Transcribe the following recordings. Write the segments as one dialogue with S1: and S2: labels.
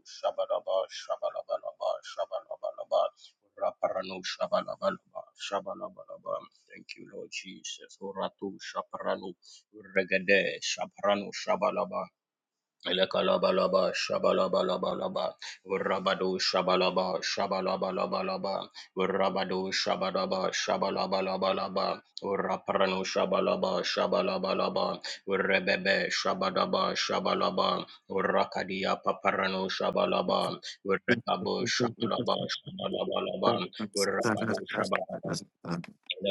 S1: Shabalaba, shabalabalaba, shabalabalaba. Raparano, shabalabalaba, shabalabalaba. Thank you, Lord Jesus. Oratu, shaparano, regade, shaparano, shabalaba. Elekalabalaba, shabalabalabalaba, urabadu, shabalaba, shabalabalabalaba, urabadu, shabalaba, shabalabalabalaba, urapranu, shabalaba, shabalabalaba, urebebe, shabadaba, shabalaba, urakadia, paparanu, shabalaba,
S2: Rebadi
S1: urekabu, shabalaba, shabalabalaba, urabadu, shabalaba. Shabba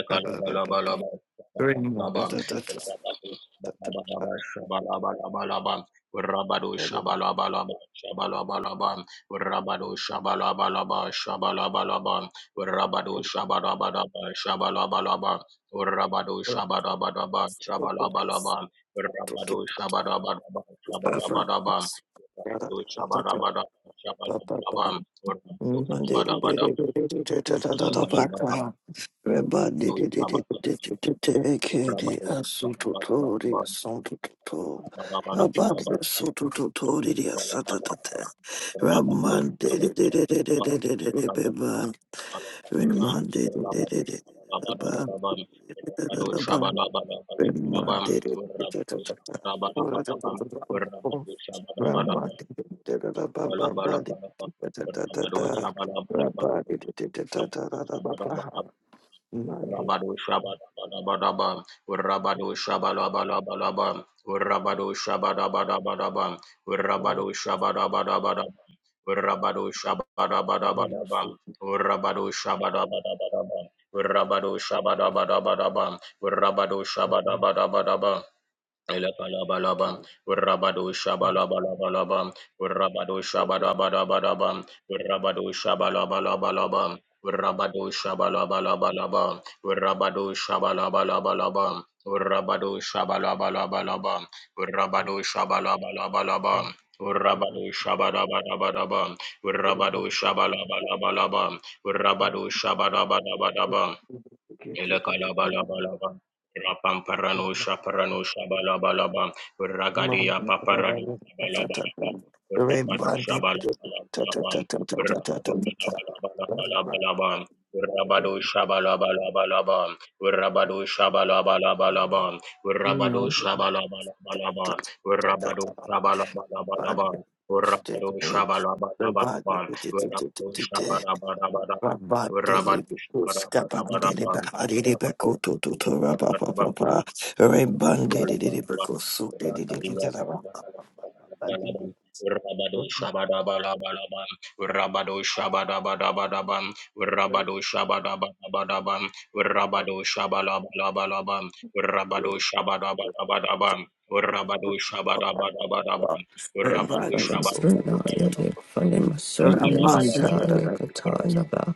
S1: Rabba
S2: Raman did it, did it, did it, did it, did it, Beba. Raman did it, did it, did it, Beba. Beba. Raman did it, did it, did it, Beba. Raman did it, did it, Beba. Beba did it, did it, da da da. Rabba did it, did it, da da da da da da. Man did it,
S1: Rabado Shabadabadabadaba,
S2: da
S1: Rabado Shabadabadabadaba,
S2: da
S1: Rabado Shabadabadabadaba,
S2: da da
S1: Rabado Shabadabadabadaba,
S2: da.
S1: Rabado
S2: Rio
S1: Shabadabadabadaba,
S2: so.
S1: Rabado Shabadabadabadaba, Rabado Shabadabadabadaba, Rabado
S2: Raman
S1: Shabadabadabadaba,
S2: da da.
S1: Elabalabalabam, Rabado
S2: Raman
S1: Shabalabalabalabam, Rabado Shabalabalabalabam, Rabado Shabalabalabalabam, Rabado Shabalabalabalabam, Rabado Shabalabalabalabam, Rabado Shabalabalabalabam,
S2: da
S1: Rabado Shabalabalabalabam.
S2: da.
S1: Rabado Shabalabalabalabam,
S2: Raman da
S1: Rabado Shabalabalabalabam,
S2: da.
S1: Rabado Shabalabalabalabam,
S2: Get it, get
S1: Elekalabalaba. Rapamparano
S2: it.
S1: shaparano shabalabalaba.
S2: Rabbi,
S1: Ragadia paparado shabalabalaba. Rapado shabalabalabalaba. Rabado shabalabalabalaba. Rabado shabalabalabalaba. Rabado shabalabalabalaba. Rabado shabalabalabalaba. Rabado shabalabalabalaba. Rabado shabalabalabalaba. Rabado shabalabalabalaba. Rabado shabalabalabalaba. Rabatu, Rabadaba, Rabalabalaba, Rakadia, Rabalabalaba, Rabado
S2: Reminded
S3: Ruthrunaya Nifranima Sunday Saya Katanaba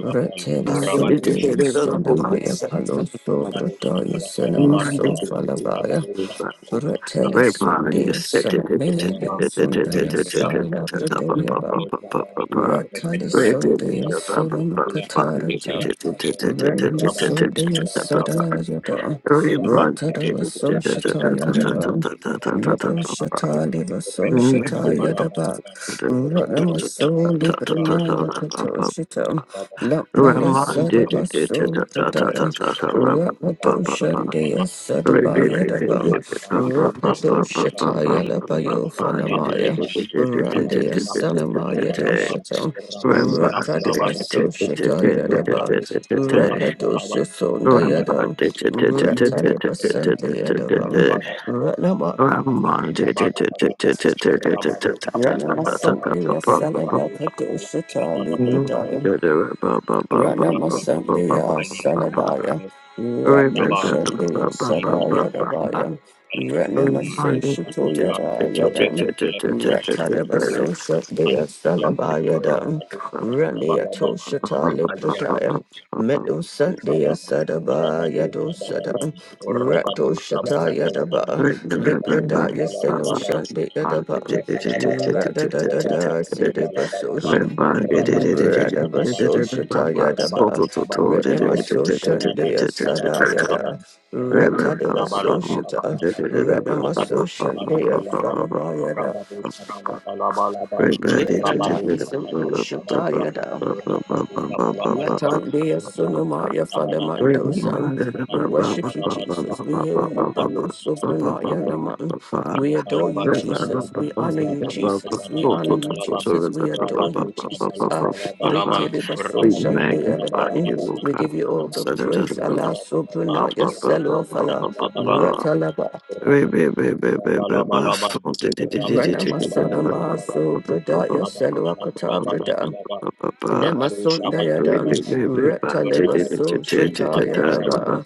S3: Retele Sunday Sonamaya
S1: Shabba
S3: Palo
S1: Rabadu
S3: Sobrataya Cinema Sofalabaya Retele Sunday Sanamaya Sundaya sala Pratoya Ratana Sunday Solom Katarata Renama Sunday Sada Yada Ratada Vaso Shataya Davam Nabo Shatali
S2: Remember,
S3: Vaso Shataya Daba Ranama Soli Brinaya Katoshita Lambaya Sada Vaso
S1: Rabadu
S3: Prataya Rapado Shandaya Sadabaya Davam Rapado Shataya Labayo Fanamaya Randy Asanama Yadoshata, Ratadabaso Shata Yadaba, Rakadosha Sonda Yadam, Ratadabasanti Yadabam,
S2: Remember,
S3: Ranama.
S1: Shabbat
S3: Ranama Santi Asanaba Kadoshata Libradayam. Rana Masandia Salabaya, Radu Sandia Sadaya Dabaya,
S1: Aliya Mars
S3: Renemaso Shito
S1: Rabata
S3: Yada
S1: Oreka
S3: Yadam,
S1: Telefata
S3: Ratadabaso
S1: Marutan
S3: Sandia
S1: Abam
S3: Salabaya Dam,
S1: Rabatu
S3: Rania
S1: Sabalaban
S3: Toshita
S1: Rakaliata
S3: Lubrodaya, Metu
S1: Lakatu
S3: Sandia
S1: Sabahan
S3: Sadabaya
S1: Rabatu Sabalaban
S3: Dosadam,
S1: Rabatu
S3: Radu Shita
S1: Sabalabalabam
S3: Yadaba,
S1: Rabatu
S3: Liprodaya Seno
S1: Sabalabalaban
S3: Sandia Dabam,
S1: Rabadu
S3: Radadada Sidibaso
S2: Remember,
S3: Radaba Soshata Yadaba, Retnema Soshan Dea Sada Yada, Ratadeva Soshata, Retnema Soshan Dea
S1: sabalabalabam,
S3: Samaba Yada, Litranaya Soshata Yada, Yatandia Sunamaya
S2: we
S3: Falamando San.
S2: magnify
S3: We worship you, Jesus. We hail you, Balo
S1: Rabadu
S3: Sobranaya
S1: sabalabalabam,
S3: Naman. We adore you,
S1: Balabalabalabam,
S3: Jesus. We honor you, Jesus. We honor you,
S1: rabadoshabalabalabam,
S3: Jesus. We adore
S1: rabadoshabalabalabam,
S3: you, Jesus. Ah,
S1: rabadoshabalabalabam,
S3: Ritiribaso Shantia Daban.
S2: you,
S1: rabadoshabalabalabam,
S3: We give you all the praise. Allah Sobranaya Selo Fala Ratalaba.
S1: rabadoshabalabalabam,
S3: Rana Masana
S1: rabadoshabalabalabam,
S3: Maso Bradaya
S1: rabadoshabalabalabam,
S3: Selo Akata
S1: rabadoshabalabalabam,
S3: Brada.
S2: God.
S1: rabadoshabalabalabam,
S3: Nemasundayadan, Retalebaso
S1: rabadoshabalabalabam,
S3: Shatayadaba,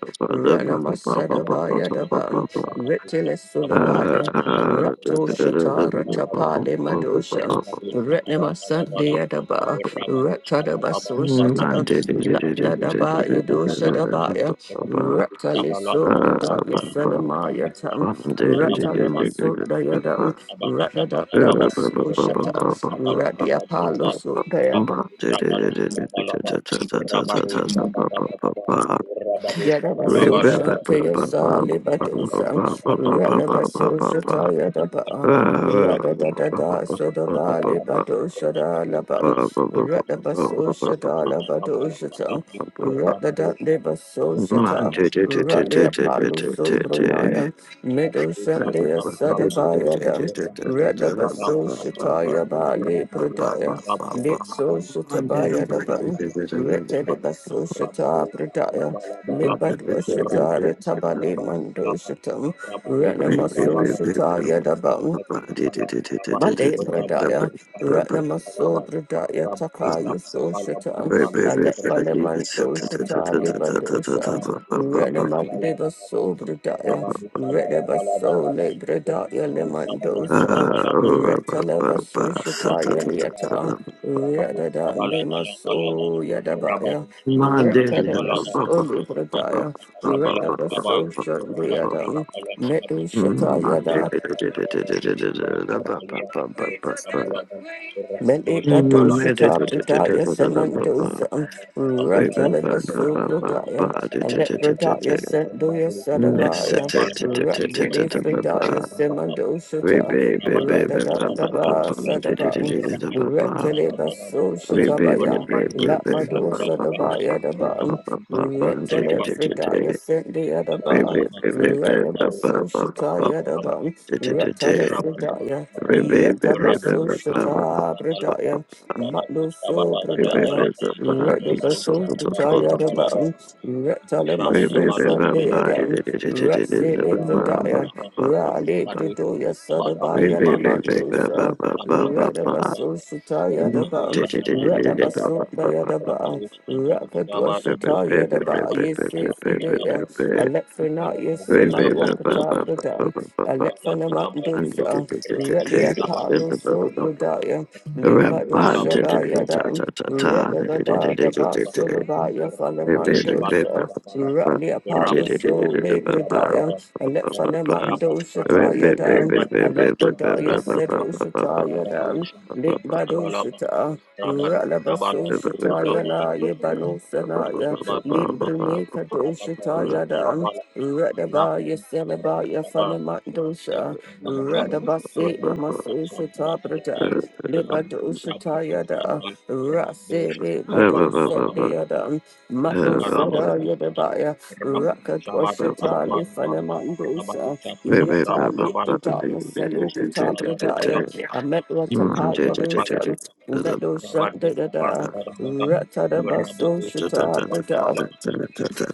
S1: Balabalabalabalai,
S3: Ranamasadabayadaban,
S1: Rabadusha,
S3: Retelesulabaya,
S1: Balabalabalabalai,
S3: Rato
S1: Rabadusha,
S3: Shatara
S1: Balabalabalabalai.
S3: Tapale Madoshan,
S1: Rabadu
S3: Retnemasandiadaba, Retadabaso Shata, ratapale madosha,
S2: Uh,
S3: Retnema sandi yadaba, Retta debaso shata, Lapladaba Yudoshadabaya, Retaliso Bradaya Salamayatan, Retalemasundayadan, Ratadabaso Shata,
S1: Shabalabalaba,
S3: Radiapalo Sundaya. Yadaba Sosha
S1: Rabadu
S3: Teosa Libadosa
S1: Shabalabalaba,
S3: Radaba Sosha Tayadaba Radada Dada Sodaba Libadosha Dalaba Radaba Sosha Dalabadosha Tang Radada Deba Sosha Ta Radia Palu Supranaya Middle Shandia
S2: Uh,
S3: Sadabayadam Radaba Sosha Tayaba Libradaya Lit Sosha Tabayadabam Retadaba Sosha Ta Pradaya Lipadvashatara Tabadi Mandoshatam
S1: Ramadusha, Ramadusha,
S3: Ranamaso
S1: Ramadusha,
S3: Shataya
S1: Rabadu
S3: Male Bradaya, Ratnamaso Bradaya Takaya Soshata, Alepaleman Doshata Libadosa, Renaman Deva Sobradaya, Redabaso Lebradaya Lemandosa, Retalaba Soshataya Lieta, Radada Nemaso Yadabaya,
S2: Monday,
S3: Retadabaso Libradaya, Retabaso Shandiadam, Metu
S1: Rabadu
S3: Shatayada. Meleba dosa tabradaya semandosa rataleba subradaya alepradaya sendoya sadabaya ratili fridaya semandosa ta ratadandaba sadaba ratileba sosa tabaya latmadosa dabaya daba ratile fridaya sendoya
S2: Baby,
S3: daba rataba
S1: Rabadu
S3: sosa daban. daba ratale fridaya Yatabaso Shata Bradaya, Matloso Bradaya, Redabaso Shataya the Bam, Retalemaso Sadeagam, Ratsele Bradaya, Rale Bradoya Sadabaya Lamandosa, Redabaso Shataya the Bam, Redabaso Dayadaba, Rakadwa Shataya the Ba, Yese Fridaya, Alephrenaya
S2: Rabban
S3: Semanwakata Bradam,
S1: Rabadu
S3: Alephanamandosa. Relia Palo Sobradaya, Limbado Shadaya Dam, Reda da da da Basulabaya Falamandosa, Ralia Palo Sole Bradaya, Alefanamando Shataya Dam, Alepradaya Sedo Shataya Dam, Limbado Shata, Ralabaso Shataya Laya Bano Sanaya, Limbruneka Doshataya Dam, Redabaya Selabaya Fanamandosha.
S1: Rabba
S3: Radabasi Namasu Shata Brada Libadu Shata Yada Rasi Libadu Sandayada Matu Sada Yadabaya Rakadwashata Lifanamandusa Yata Lipradaya Selukata Bradaya Ametwatapaya Dosan Metu Shandayada Ratadabasu Shata Brada.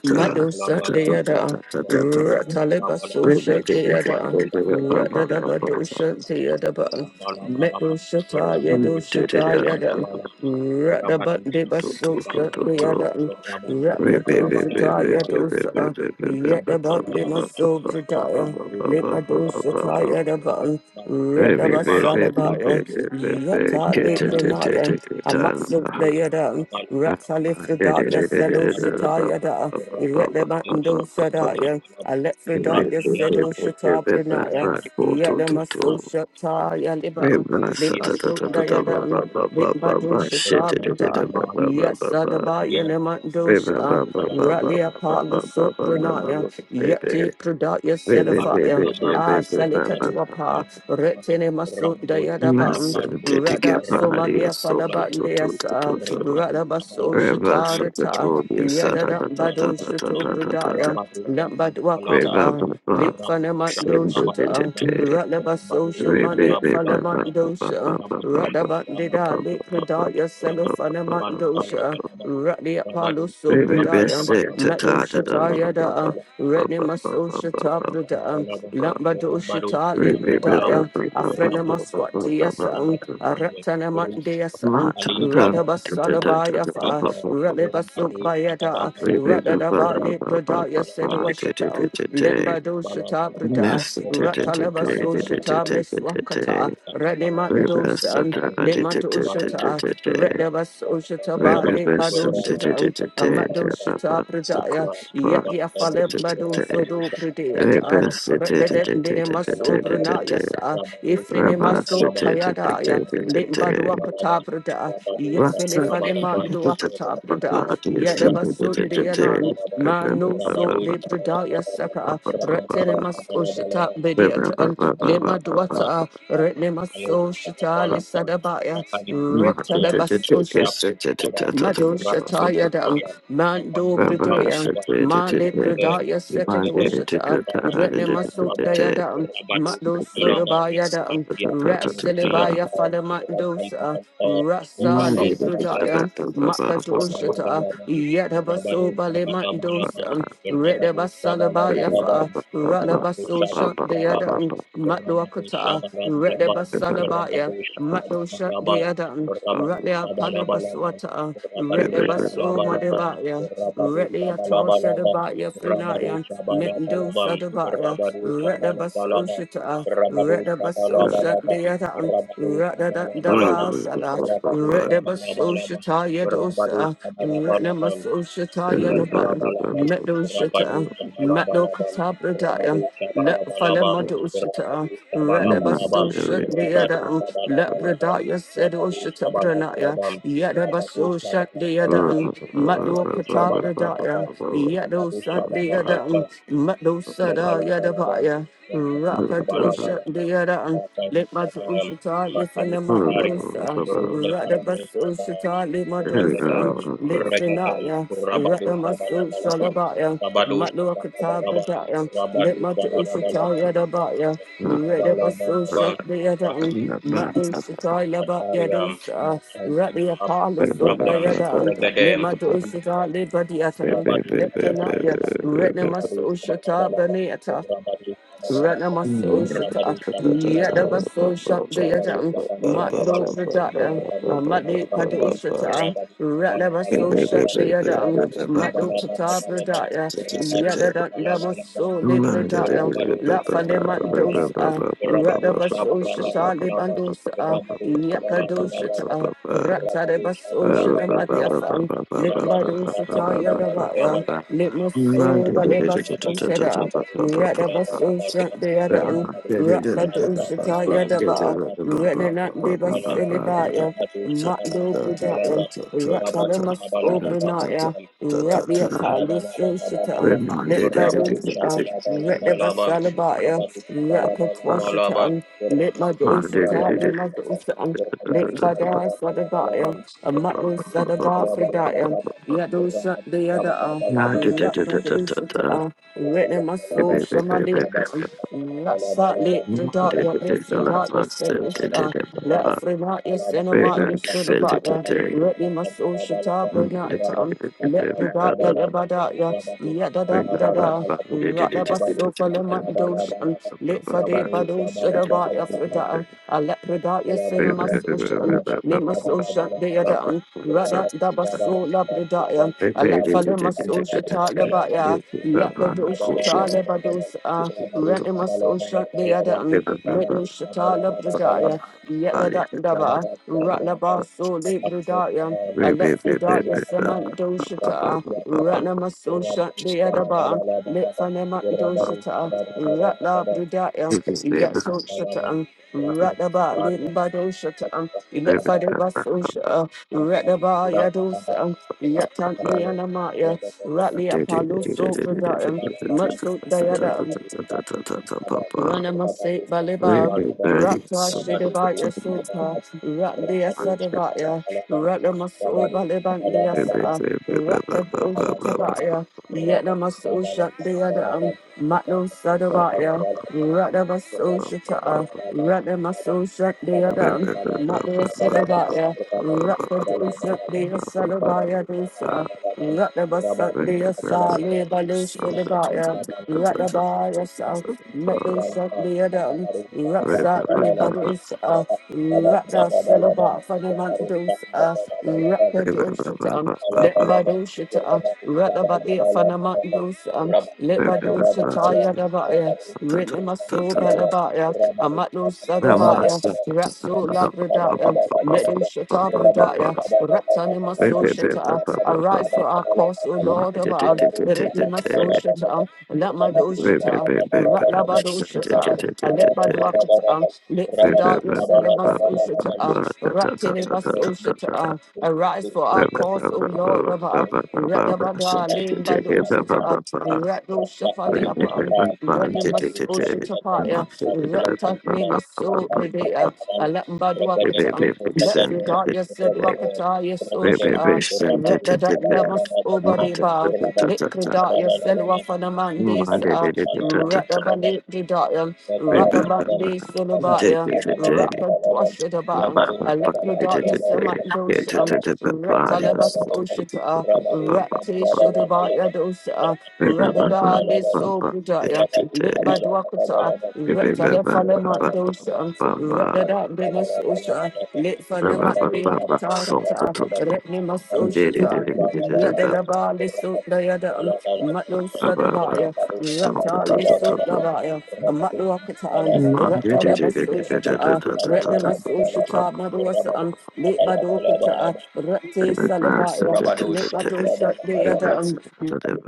S3: Mado sent the other, Rataleba
S2: Wait,
S3: so
S2: wait,
S3: shut the other, Ratadaba do shut the other, Metal
S1: Balabalabalabam,
S3: shata yedo shata yada,
S1: Rabadusabalabalabam,
S3: Rataba deba so shut the
S1: Rabadusabalabalabam,
S2: wait,
S3: other,
S1: Rabadusabalabalabam,
S3: Ratado
S1: Rabadusabalabalabam,
S3: shata yedo sa, Yetaba
S1: Rabadusabalabalabam,
S3: dema so pretaya, Lepado shata yadaba, Rataba
S1: Rabadusabalabalabam,
S3: salabaya, Yata lepronaya, Amatsu the other, Ratalifredaya selo shata
S1: Rabadusabalabalabam,
S3: yada. Yet the Iretamando
S1: Rabadusabalabalabam,
S3: Sadaya,
S1: Rabadusabalabalabam,
S3: Alephrodaya Sedo
S1: Rahmiyatata,
S3: Shata Brunaya,
S1: Rahmiyatata,
S3: Yetamaso
S1: Barusa, Kumsa,
S3: Shataya Libam,
S1: Iya,
S3: Limaso
S1: Kata,
S3: Dayadam,
S1: Barusa,
S3: Limbado
S2: Shit.
S3: Shata
S1: Repent
S3: Bruta,
S1: Naman,
S3: Yesadabaya
S1: Pukaria,
S2: Reverse
S3: Nemandosa,
S1: Abadus,
S3: Ralia Palo
S1: Balabam,
S3: Sopranaya,
S1: Rabadus, Balabam,
S3: Yeti Prodaya Selifaya,
S1: Tabalabalabam,
S3: Ah
S1: Rabadus,
S3: Salikatwapa,
S1: Balabalabalabam,
S3: Retine Maso
S1: Rabadus,
S3: Dayadabam,
S1: Balabalabalabam,
S3: Rada Somalia
S1: Rabadus,
S3: Falabandeasa,
S1: Rabadu
S3: Radabaso Shatarata. Yadadambado Shuto Brudaya, Lambadwakata, Lit Fanamando Shuta, Radabaso Shimani Fanamandosha, Radabandida, Lit Pradaya, Selofanamandosha, Radia Palo
S2: Baby, best
S3: Sobrudaya,
S2: say, ta
S3: Mado
S2: ta ta da
S3: Shata
S2: ba
S1: sabala
S2: ba
S3: Yada,
S2: ba ba ba ba
S3: Renimaso
S2: ba
S3: Shata
S2: ba ba
S3: Brudaya,
S1: Kalabalaba,
S2: ba.
S3: Lambado
S1: Rabados,
S3: Shata Lit
S2: Baby, ba ba ba
S1: Kalabalaba,
S3: Pradaya,
S2: ba ba ba ba
S1: Rababa,
S2: ba
S3: Afrenamaswati
S2: ba ba
S1: Bakania,
S3: Yasam,
S2: ba ba.
S1: Bakrande, Rus,
S2: Ma
S3: Aratanamandesam,
S2: ta
S1: Alia,
S2: ta
S1: Pai,
S2: ta ta ta
S1: Rab,
S2: ta
S3: Radabasalabaya
S2: ta ta
S1: Rabba,
S2: ba ba ba ba.
S3: Ralebasum
S1: Rabados,
S3: Bayada,
S1: Kalabalaba,
S2: Baby, ba ba
S3: Radadaba
S2: ba
S1: Rabados,
S2: ba ba ba
S3: Lepradaya said
S2: ba. Te te te
S3: Washata,
S2: te
S1: Kalabalaba,
S2: te.
S1: Rabados,
S3: Lembado Shata
S1: Kalabalaba,
S3: Brada,
S2: Mess te te te te
S1: Rabados,
S2: te
S3: Ratalabaso
S2: te te
S1: Kalabalaba,
S2: te
S3: Shata
S2: te te te.
S3: Meswakata,
S2: Baby,
S3: Radimando
S2: best ta
S3: San,
S2: ta te te
S3: Lemato
S2: te te te
S3: Shata,
S2: te te.
S3: Redabaso Shata Ba
S2: Baby, best te
S3: Lebado
S2: te te te
S3: Shata,
S2: te te
S3: Amado
S2: ba ba.
S3: Shata
S2: So cool,
S3: Bradaya, Yagia Falebado
S2: bye.
S3: Sodo
S2: Rabba
S3: Bradeata, Redadet Nemaso Brunayasa, Ifrinimaso Tayadaya, Limbaduakata
S1: Rabadu
S3: Brada. Yeselefanemandu akatabrada. Yadabasundeyanan. Manu so
S1: sabada sabada
S3: debradaya saka.
S1: berapa sabada
S3: Retenemaso
S1: sabada
S3: shita bediatan.
S1: Berapa
S3: lima duata. Retnemaso shita lisadabaya. Retalabaso Mado Shataya Dam, Mando Bradea, Male Pradaya Sekadoshata, Retne Masundaya Dam,
S2: Blah, blah, blah, blah, blah, blah,
S3: Mado Sodabaya Dam,
S2: blah,
S3: Rasilibaya Falamandosa, Rasa Le Bradaya, Makadoshata,
S1: Rabalabalabam, Rabadu
S3: Yadabaso Bale
S1: Shabalabalabam,
S3: Mandosa,
S1: Rabadu
S3: Redabasalabaya
S1: Shabalabalabam,
S3: Fa,
S1: Rabadu
S3: Ralabaso Shandaya
S1: Shabalabalabam,
S3: Dam, Mado
S1: Rabadu
S3: Akata,
S1: Shabalabalabam,
S3: Redabasalabaya,
S1: Rabadu
S3: Mado
S1: Shabalabalabam,
S3: Shandaya Dam,
S1: Rabadu
S3: Radia
S1: Shabalabalabam,
S3: Palibaswata,
S1: Rabadu
S3: Redabaso
S1: Shabalabalabam, Rabadu Shabalabalabam,
S3: Madabaya,
S1: Rabadu
S3: Redia Tosha the
S1: Shabalabalabam,
S3: Baya
S1: Rabadu
S3: Frinaya, Mendo
S1: Shabalabalabam,
S3: Sadabaya,
S1: Rabadu
S3: Redabaso
S1: Shabalabalabam,
S3: Shata, Redabaso Shandeata,
S1: Rabadu Shabalabalabam,
S3: Radadabasala,
S1: Rabadu
S3: Redabaso
S1: Shabalabalabam,
S3: Shata
S1: Rabado
S3: Yadosa,
S1: Shabalabalabal,
S3: Redamaso Shata Yadaban.
S1: Lakalabalabal,
S3: Meadow
S1: Rabado
S3: Shita, Meadow
S1: Shabalabalabal, Rabado
S3: Catabradaya, Let
S1: Shabalabalabal,
S3: Falemado Shita,
S1: Rabado Shabalabalabal,
S3: Relebaso Shut the
S1: Rabado
S3: Adam, Let
S1: Shabalabalabal,
S3: Bradaya said
S1: Rabado
S3: Oshita Branaya,
S1: Shabalabalabal, Rabado
S3: Yedabaso Shut
S1: Shabalabalabal,
S3: the
S1: Rabado
S3: Adam, Meadow
S1: Shabalabalabal,
S3: Catabradaya, Yedo
S1: Rabado
S3: Sunt
S2: blah,
S3: the
S2: blah, blah,
S1: Shabalabalabal,
S3: Adam,
S2: blah,
S3: Meadow
S2: blah.
S3: Sada
S1: Lekalabalabam,
S3: Yadabaya,
S1: Rabadum
S2: Thank
S3: Rakado Shut
S1: Sabalabalabam,
S3: the Adam.
S1: Batam
S3: Let my
S1: Sabam,
S3: Ushita live on the
S1: Batali Pataria,
S3: Mandosa,
S1: Ruda Parano
S3: Radabaso
S1: Sabam,
S3: Shita, Limadosa,
S1: Regadem, Regadem,
S3: Litfrenaya,
S1: Rabadu
S3: Ratamasu
S1: Sabalabalabam,
S3: Shalabaya,
S1: Rabadu Sabalabalabam,
S3: Matluakatabradaya,
S1: Rabadu Sabalabalabam,
S3: Litmatushitayadabaya, Redabasu
S1: Sabalabalabam,
S3: Shantayadan, Matu Shitayabaya,
S1: Bakatariam, Batam
S3: Radia
S1: Sabam,
S3: Palusundayadan,
S1: Regadem,
S3: Litmatushita Libadiatan,
S1: Rabadu
S3: Leptanaya,
S1: Sabalabalaba, Rabadu
S3: Retnamasu
S1: Sabalabalaba,
S3: Shata
S1: Rabadu Sabalabalaba, Rabadu
S3: Ranamasoshata,
S1: Sabalabalaba,
S3: Yadabasosha,
S1: Rabadu
S3: Deadan, Matlo
S1: Sabalabalabalaba,
S3: Pradaya,
S1: Rabadu
S3: Amadi
S1: Sabalabalabalaba, Rabadu
S3: Padoshata, Ranabasosha,
S1: Sabalabalabalaba, Rabadu Sabalabalabalaba,
S3: Deadan,
S1: Rabadu
S3: Matlo
S1: Sabalabalabalaba,
S3: Pata
S1: Rabadu
S3: Pradaya,
S1: Sabalabalabalaba, Rabadu
S2: you.
S3: Yadadan Damaso
S2: Reminded
S3: Libradaya, La Falemandosa,
S1: Sabalabalabalaba,
S3: Radabasosha, Libandosa,
S1: Rabadu Sabalabalabalaba,
S3: Yakadoshata,
S1: Rabadu
S3: Ratarabasosha, the
S1: Sabalabalabalaba,
S3: Madiafan,
S1: Rabadu
S3: Litbadosata,
S1: Sabalabalabalaba,
S3: Yadabaya, Litmaso, Balebasosha. Radabaso shant the other on Rakadusha Yadaba, Renan de Basilibaya, Mando Brudaya, Ratalamas Obrunaya, Radiata Lusso Shitan, Lit by those Redabasalabaya,
S2: Thank
S3: Rakatwashatan, Lit Madosata, Lit Madosan, Lit Bada Sadabaya, a Matlo Sadaba Fridaya, Yadosha the other.
S1: Rabba
S3: are.
S1: Rabadu
S3: Written my
S1: sabala
S3: soul,
S1: bala
S3: Shamali, Rasa, Lit, the dark, your lift, the dark, your said it was, uh, let a friend out your cinema, your soda butler, written my soul, Shata, Bernard, um, let the dark, your lebada, your yada da da da, rat leba sofa, lemon dosh, um,
S1: bala,
S3: lit for day,
S1: Rabadu
S3: bado,
S1: sabala
S3: shada bat,
S1: bala
S3: your
S1: bala.
S3: frida, um, I let the dark, your
S1: Berapa
S3: cinema, social, um, name my soul, shunt, the other, um, rat da da basso, labrada, um,
S2: Very,
S3: I let
S2: very,
S3: for them, my
S2: very,
S3: soul, Shata, lebaya. Yakadoshatala Badosa, Renimasosha, the other, and Medoshatala Bradaya, Yakadaba, Ratlabaso, the Bradaya, Alepfridaya, Saman Doshata, Renimasosha, the other, bar, Litfanema Doshata, Ratla Bradaya, Yatso Shata, Rataba, Limbadoshata, Electfadabasosha, Rataba Yadosa, Yatan, the Ratli Apollo so brother, Matso Dayada,
S1: Rabadu
S3: Ranamase Baleba, Rakta Shedabaya Sopa, Rakdea Sadabaya,
S2: so,
S3: Ranamaso Balebandia Sa,
S2: Ramastein.
S3: Rakta Oshatabaya, Yetnamaso Shatdeadam, Matno Sadabaya, Radamaso Shata, Radamaso Shatdeadam, Matno Sadabaya, Rakta Oshatdea Salabaya Dosa, Radamasandia Sale Balo Sulabaya,
S1: Berapa
S3: Radabaya Metal Shakya Dam, Ratsa Libadus, Ratna Selaba Fanamandus, Rakadushatam, Let Badushata, Ratabadi Fanamandus, Let Badushataya Dabaya, Ritnamasu Balabaya, Amatu Sadabaya, Ratsu Labradaya, Metal Shata Bradaya, Ratanimasu Shata, arise for our cause, O Lord of our
S2: Send
S3: Ritnamasu Shata, Let Madushata. Ratlabadoshata, Alepbaduakata,
S1: Rabadu
S3: Litfridaya
S1: sabala bala bala bala
S3: Senemasoshata,
S1: Thank you, Lord Jesus.
S3: Ratinibasoshata,
S1: Thank you
S3: arise
S1: for this
S3: for our
S1: effort.
S3: cause, O Lord of our Redabada, Lim by the Ushata, Ratno Shafaliapa, Retimas Ushatapaya, Retanimaso Bredea, Alembaduakata, Litfridaya Seduakata, Yesosha, Retadamas Obadiba, Likredaya Selwafanamandis,
S2: it
S1: Berapa
S3: Radabali Didaya,
S1: Rabba
S3: Radabandi
S2: Baba,
S3: Sulubaya, Rakadwashadaba, Electrodaya Samandosha, Reptalebas Oshita, Rati Shudabaya Dosa, Radadali Sopradaya, Litbadwakata, Reptalefalamandosa, Radadabdinas Osha, Litfanematriakatarita, Retnimas Oshita, Yadabali Sundayada, Matlo Sadabaya. Rapta Lisu Lavaya, a Matluakatan, Rapta Deba Sushata, Retne Masushata, Maduasan, Late Badokata,
S1: Rabado
S3: Repte
S2: River Bus,
S3: Salabaya, Late Madosha, the other.
S1: Rabba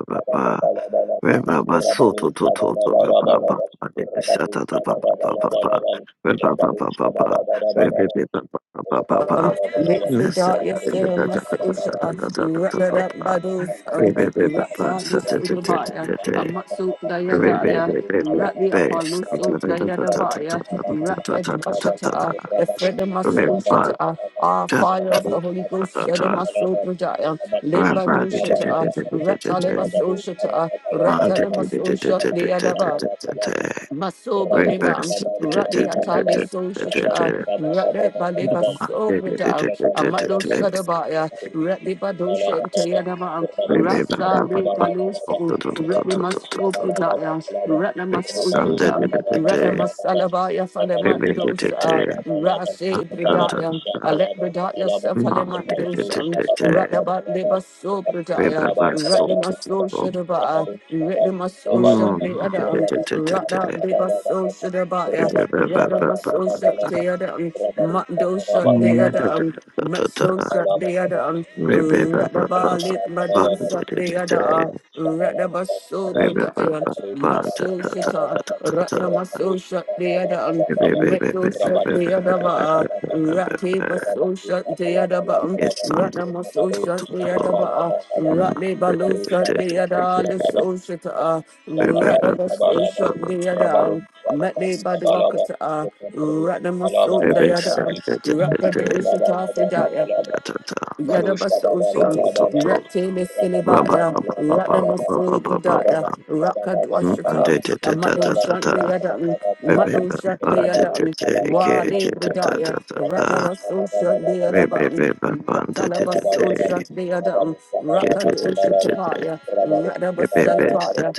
S2: River Basu, Tutu, Papa, Shata, Papa, Papa, River Papa, Papa, River Papa,
S3: um,
S2: Papa,
S3: make the
S2: Miss
S3: dark yes, there are muscles, uh, wrap
S1: Rabadu
S3: it up by
S1: sabala
S3: those, um,
S1: bala bala bala,
S3: wrap down this little
S1: rabadu
S3: body, a muscle, the yada, yeah, wrap the Apollo,
S1: sabala
S3: so the yada, body, wrap it, Ashata, the Fred, the muscle,
S1: bala
S3: Shata, ah, fire of the Holy Ghost, yada,
S2: Papa.
S3: muscle, Bradaya,
S2: Remember,
S3: limp by the Shata, wrap Taliba, so Shata, wrap Taliba, so Shata, the yada, Masoba Nibam, Radi Atali Soshita, Radi
S1: bala
S3: Baliba
S1: bala,
S3: Sobrita,
S1: jaka bala
S3: Amatlo
S1: bala.
S3: Sadabaya,
S1: Rabadu
S3: Radi
S1: Shabala
S3: Badosha and
S1: Baba Baba
S3: Tayanama,
S1: Rabadu
S3: Rasali Balusu, Ritli Masobridaya, Ratna Masoshita, Ratna Masalabaya Falemandosa, um, Rasi Bridaya, Alet Bridaya Safalemandosa, Radabat Liba Sobridaya, Ratni Masosha Daba, Ritli Masosha the other. Rada deba so shada baya, Rada maso shak de adam,
S1: Shabala
S3: Mando shak
S2: Yes,
S1: Baba
S3: de
S2: I'm
S1: Baba
S3: adam, Matso
S2: the
S3: shak
S1: Rabadum
S3: de adam, Rada ba lip mado shak de adam, Rada baso brudaya, Matso shata, Rada maso shak de adam, Mendo shak de adaba, Rati baso shak de adaba, Rada maso
S2: to to
S3: shak de
S2: to.
S3: adaba,
S2: Mm,
S3: Rati
S2: eh, eh,
S3: balo
S2: eh,
S3: shak
S2: eh,
S3: de
S2: eh,
S3: adaba, Liso
S2: eh,
S3: shata,
S2: eh, eh, eh, eh,
S3: Radabasosha the other, Mate Baduakata, Radamasun
S2: eh, eh, eh, eh, eh, eh,
S3: the other,
S2: eh, eh, eh, eh, eh, mm,
S3: Rakadosha
S2: da, da, da, cool. To,
S3: Yadabasoshan,
S2: to,
S1: Rabadushabalabalaba.
S2: to, to.
S3: Ratele
S2: Ba, ba,
S3: Silibaya,
S2: ba, ba, ba, ba, ba, ba, ba, ba, ba,
S3: Ratnamasobradaya,
S2: ba.
S3: Rakadwashatan, Amadoshan de Yadan, Madoshan de Yadan, Wale Bradaya, Ratawasoshan de Yadaban, Ratalabasoshan de Yadan, Rakadoshatapaya, Radabasalabaya,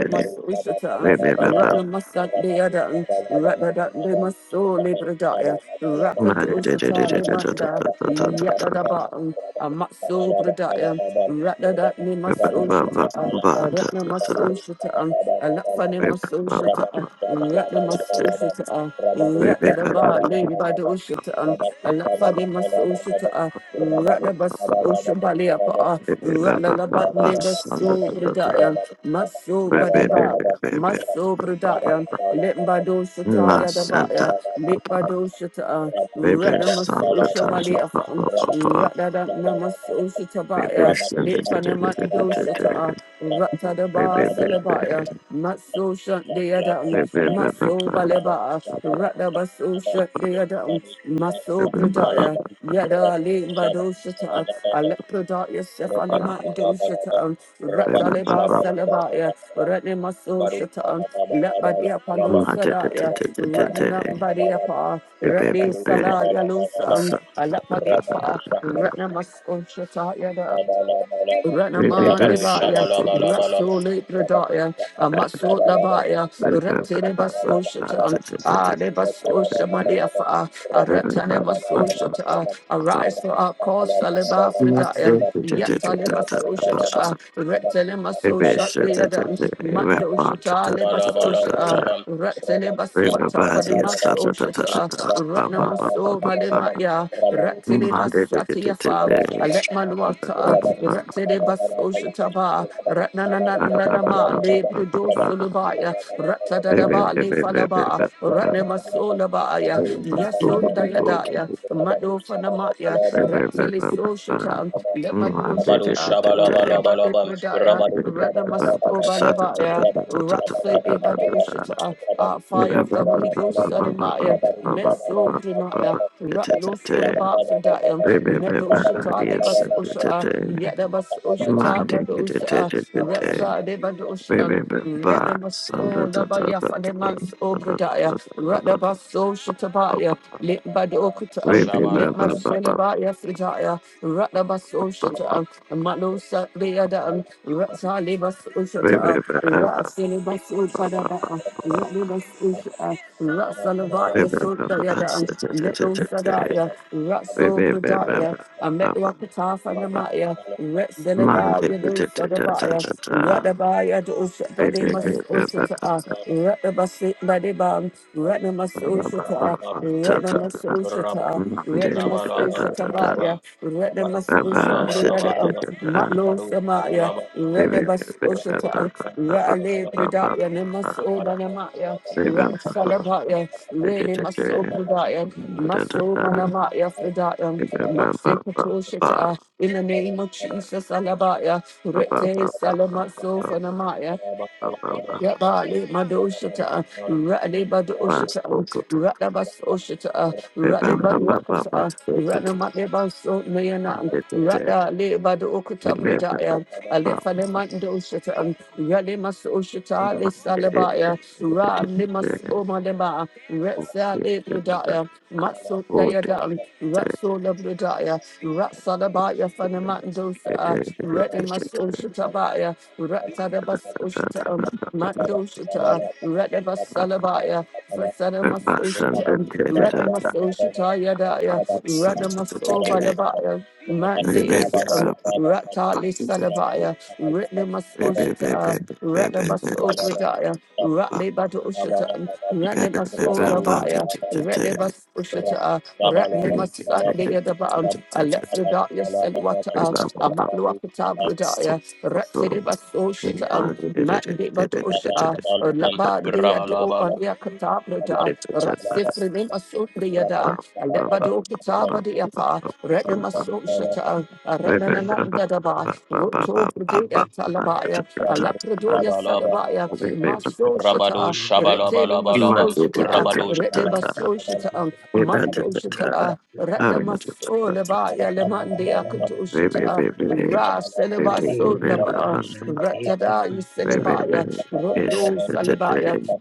S1: Rabadu
S3: Ratnamasan de Yadan, Ratadat de Masole Bradaya, Rakadoshatale
S2: Remember,
S3: Yadadaba, um, a Matso Bradaya, ne maso Soshata, a Ratna Masoshata, a Lafani Masoshata, Ratna Masoshata, Radadaba, Limbado Shata, a Lafani Masoshata, Radabas Oshabaliapa, Radalabat
S1: Rabba
S3: Neba So Bradaya, Maso
S2: Santa
S3: Badeba. Maso Bradaya, Limbado Shataya Dabaya,
S2: Papa,
S3: Limbado Shata,
S2: baby Santa
S3: Radamasusha Maliafam,
S2: Papa, Papa, Papa,
S3: Radadanamasosha Tabaya,
S2: baby Santa,
S3: Litfanamandosha Ta,
S2: baby,
S3: Ratadaba
S2: baby,
S3: Celebaya, Matsosha Deadam,
S2: baby,
S3: Matso Baleba,
S2: Papa Papa
S3: Radabasosha
S2: Papa
S3: Deadam, Matso
S2: baby, Papa
S3: Bradaya, Yada Limbadosha Ta, Alepradaya
S1: Rabadu
S2: Papa
S3: Sefalimandosha Ta,
S2: baby,
S3: Rataleba
S2: Papa
S3: Celebaya, Ratnamasosha Ta, Lepadia
S2: Mata
S3: Palosadaya, Ratnanambadiapa,
S2: baby,
S3: Ratni
S2: baby,
S3: Salaya
S2: What's
S3: Lusang,
S2: up?
S3: Alapadapa, Ratnamas Unshatayada,
S2: baby,
S3: Ranaman
S2: Best
S3: Debaya,
S1: sabala
S3: Rasole Pradaya, Amaso Labaya,
S2: baby,
S3: Ratinebas Oshatan, Adebas Oshamaliafa,
S2: Papa,
S3: Aratanebas
S2: Papa
S3: Oshata,
S2: Everybody,
S3: arise for our cause, Aleba Fridaya. Yet Taliba Soshata, Retelema Sosha, the Adam, Mando Shata, Leba Sosha, Reteleba Swata, Fadima Soshata, Ratnamaso Malemaya, Ratile Basatia Fam, Alepman Wata, Ratile
S1: Shabba
S3: Basoshataba, Ratnanananama, Le Sulubaya, Ratadadaba, Lefalaba. Falaba, Ratnamasolabaya, Yaso Dayadaya, Mado Fanamaya, Ratile Soshata, Lepadoshata, Ratnabate Pradaya, Ratnamasobalabaya, Ratsate Badoshata, Ah, fire of the
S2: Remember, Monday.
S3: Holy
S2: da
S3: Ghost, Adamaya. Meso Brinaya, Ratlo Solaba Fredaya, Medo Shata Lebas Osha, Yedabas Oshata Badosa, Retsa Debadosha, Retnamas O Labaya Fanemans Obradaya, Ratabas Oshatabaya, Lit Badokata, Lit Maselabaya Fredaya, Ratabas Oshata, Mano Satbeada, Ratsa Lebas Oshata, Ratsa Lebas Oshata, Ratsa Lebas Oshata, Ratsalavaya Sundayada, Metal Sadaya, Ratso Bradaya, Ametwakatanamaya, Retsalabaya
S2: da da da
S3: Sadabaya,
S2: da da.
S3: Ratabaya
S2: Baba
S1: Abala, abala,
S3: Doshabadimas Osata, Ratabasit Badibam,
S1: abala,
S3: Ratamas Osata,
S1: abala,
S3: Ratamas Osata, Ratamas Osatabaya, Ratamas Osatayada, Matlo
S1: abala,
S3: Samaya, Ratabas Osata, Rale Bradaya, Nemas Obanamaya. Rasalabaya, really Maso Pradaya, Maso Manamaya Fridaya, Matse Katoshita, in the name of Jesus Alabaya, Rete Salamaso Fanamaya. Yabali Madoshata, Rally Badoshata, Radabas Oshata, Rally Badwakata, Ranamatiban So Nayanam, Rada Le Badokata Pradaya, Alefale Mandoshata, Rally Masoshata, Le
S2: Thank
S3: Salabaya, Rally Masomalema, Retsa Le Pradaya, Matso Dayadan, Ratso La Pradaya, Ratsalabaya Fanamandosa, Rally Masoshata Baya, Ratada Bas Oshata. Mando Shita, Redeva Salabaya, Fasada Maso Shita, Redema So Shita Yadaya, Redema So Balabaya, Mandeus,
S1: abala, abala,
S3: Ratali Salabaya, Ritnema So
S1: abala,
S3: Shita, Redeva So
S1: abala,
S3: Bridaya, Ratli Bado Shita, Redema So Dabaya, Redeva So Shita, Ratnema Satli Yadabam, Alefridaya Selwata, Amatluapata Bridaya, Ratiriba So
S2: You
S3: Shita,
S2: want to do the
S3: Mandi badusha, Laba de Ado Badia Katabrata, Rasifri Nemasun de Yada, Alebado Kataba de Apa,
S2: we got
S3: Renamasun Shata, Renanandadaba, Roto
S4: Thank
S3: Pride Atalabaya, Alapradoya Sadabaya, Maso
S1: Rabado
S3: Shata, Rete Maso
S1: Shabalabalabalabam,
S3: Shata,
S1: Rabado
S3: Rete Maso
S2: the
S3: Shata, Mando Shata, Renamaso Labaya, Lemande Akato
S2: oh, baby, baby,
S3: Shata,
S2: baby,
S3: Ras
S2: baby,
S3: Elevaso
S2: baby,
S3: Naba. Ratada
S2: baby,
S3: Yuselebaya,
S2: baby, it's
S3: Rondo
S1: Shabalabalabalabam,
S2: the
S3: Salebaya,
S2: day,
S1: Rabat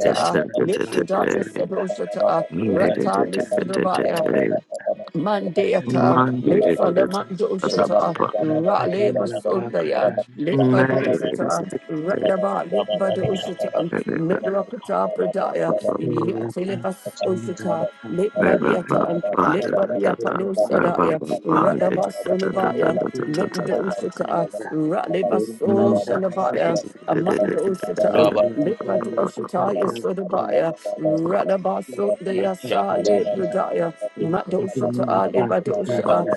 S2: it's the
S3: Lifrida
S2: day,
S3: Yusedoshata, Rata Lisidabaya, Mandeata, Lefala Mandoshata, Rale Basundaya, Lit Badoshata, Rataba, Lit Badoshata, Mitrakata Pradaya, Yatelebas Oshata, Lit
S4: you.
S3: Badiata, Lit
S4: which are they live on
S3: Badiapalosadaya,
S4: quickly and
S3: Rataba
S4: desperate, buying
S3: Sulabaya,
S4: material upon quickly
S3: Mitdoshata,
S4: and
S3: Rale
S4: rapid, and
S3: Baso
S1: Rabaru
S4: then for
S3: Shalabaya,
S4: they
S3: Amandoshata,
S4: can be
S3: Lit
S4: believed by their
S3: Badoshata,
S4: bad and
S3: Yasodabaya,
S4: not
S3: Radabaso de
S4: love of each other.
S3: Yasale Pradaya.
S4: They
S3: Madosa
S4: can
S3: to
S4: be
S3: Ali
S4: apart with their
S3: Badosa,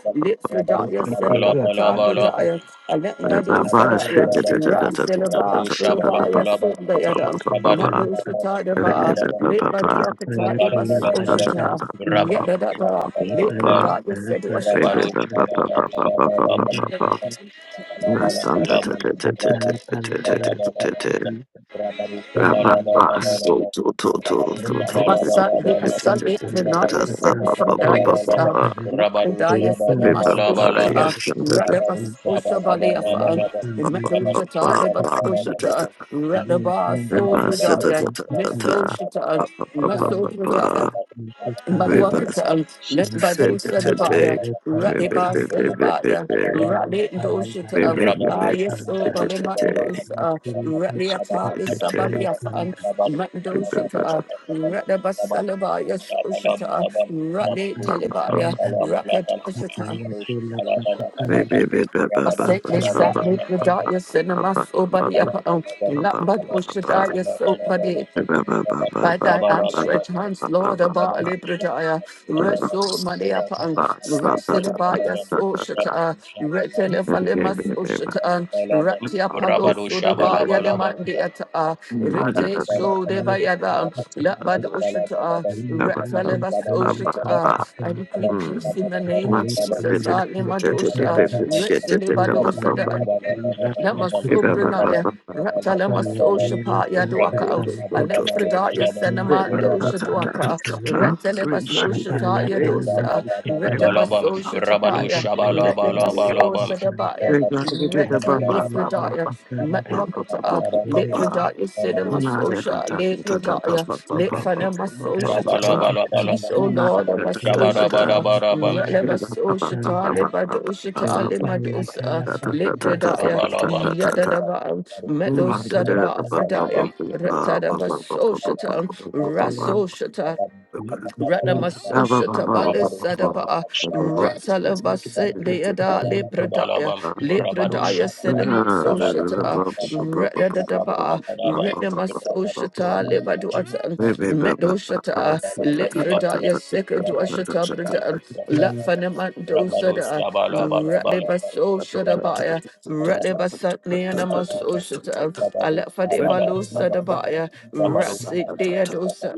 S4: they
S3: Lipfredaya,
S4: can be
S3: Selapata,
S4: apart with their
S3: Bredaya, Alem
S4: and
S3: Badosa Daya,
S4: believe that they
S3: Rasilaba, Sulabaya,
S4: can
S3: Sundayadam,
S4: be
S3: Madosa
S4: apart and
S3: Tadaba, Lip
S2: Bye.
S3: Baduakata,
S4: Yapaya Taya
S3: Libas
S2: Reverse.
S4: Palata
S3: Oshata, Yedada, Lipfredaya, said
S4: Epala
S3: Oshata,
S4: Palapa
S1: Rabba
S4: Thank
S3: Basa di asal itrina ya semi ferda ya sa lakrida ya semi mas ushata rada bas ushabali afa metu shata le bas ushata rada baso prida ya miso maso
S2: Reverse.
S3: Maluakatam, let
S1: Rabadu
S3: Badu Sadabaya, Radiba Salabaya, Radi Doshitam, Ah, yes, so Balimandosa, Radiata Sabaliafan, Mandoshita, Radaba Salabaya Soshita, Radi Talibaya,
S4: Lapakutanda
S3: Rakadoshita.
S4: lapayati lapakutanda
S3: I said this sat
S4: likanda
S3: with the
S4: lapakutanda
S3: dark your cinema so body up on Lambad Ushada your soap body by thy outstretched hands, Lord, Abali Bradaya,
S1: Rabado
S3: Reso Maniapan, Rasinabaya Soshata, Retelefalemas Oshatan, Ratia Palo Sodaba
S1: Shabala
S3: Yalemandiata, Rete Sodebayadan, Labad Oshata, Retelebas Oshata. I decree
S2: Mm.
S3: peace in the name of
S2: Master
S3: Jesus,
S2: did it.
S3: Alemadosha, Resinibadosada. Lama Sobranaya, Ratalama Soshapaya Duaka, Alefredaya Senamanda Ushaduaka, Retelema Soshataya
S4: Shapayata
S3: Dosa,
S4: Lapakutanda
S3: Retema
S1: Shabalabalabam, Rabado
S4: Thank
S3: Soshatapaya,
S5: Thank
S3: Retema
S1: Shabalabalabalabam,
S3: Sosadabaya,
S1: Rabado
S3: Retelefredaya, Matwakata,
S1: Shabalabalabalabam,
S3: Lepredaya Cinema
S1: Rabado
S3: Sosha, Lepredaya, Lepfanema Soshata. Peace,
S1: Shabalabalabalabam,
S3: O Lord,
S1: Rabado
S3: of us, O Shata,
S1: Shabalabalabalabam,
S2: Ba
S3: Relevas, O Shata, Lebadoshata, Lemadosa, Lipradaya,
S1: Rabado Shabalabalabalabam, Shabalabam, Rabado Shabalabalabalabam,
S3: Yadadaba, Medo Sadaba
S4: you.
S3: Fredaya,
S1: Rabado
S3: Retadaba Soshatan,
S1: Shabalabalabalabam,
S3: Raso Shata, Radamaso Shatabale
S1: Rabado Shabalabalabalabam, Rabado Shabalabalabalabam,
S3: Sadaba Ratalabase Deada Lepradaya
S1: Rabado
S3: Lepradaya Cinema
S1: Shabalabalabalabam,
S3: Soshata
S1: Rabado
S3: Radadaba Retnamaso Shata Lebaduatan Medo Shata Lepradaya Sekadua Shata Pradan Lafanamando
S2: We
S3: Sada
S1: Shabala
S3: Ratlebaso Shatabaya Ratlebasatnianamaso Shata Alafadebalo Sadabaya Rasit Deadosa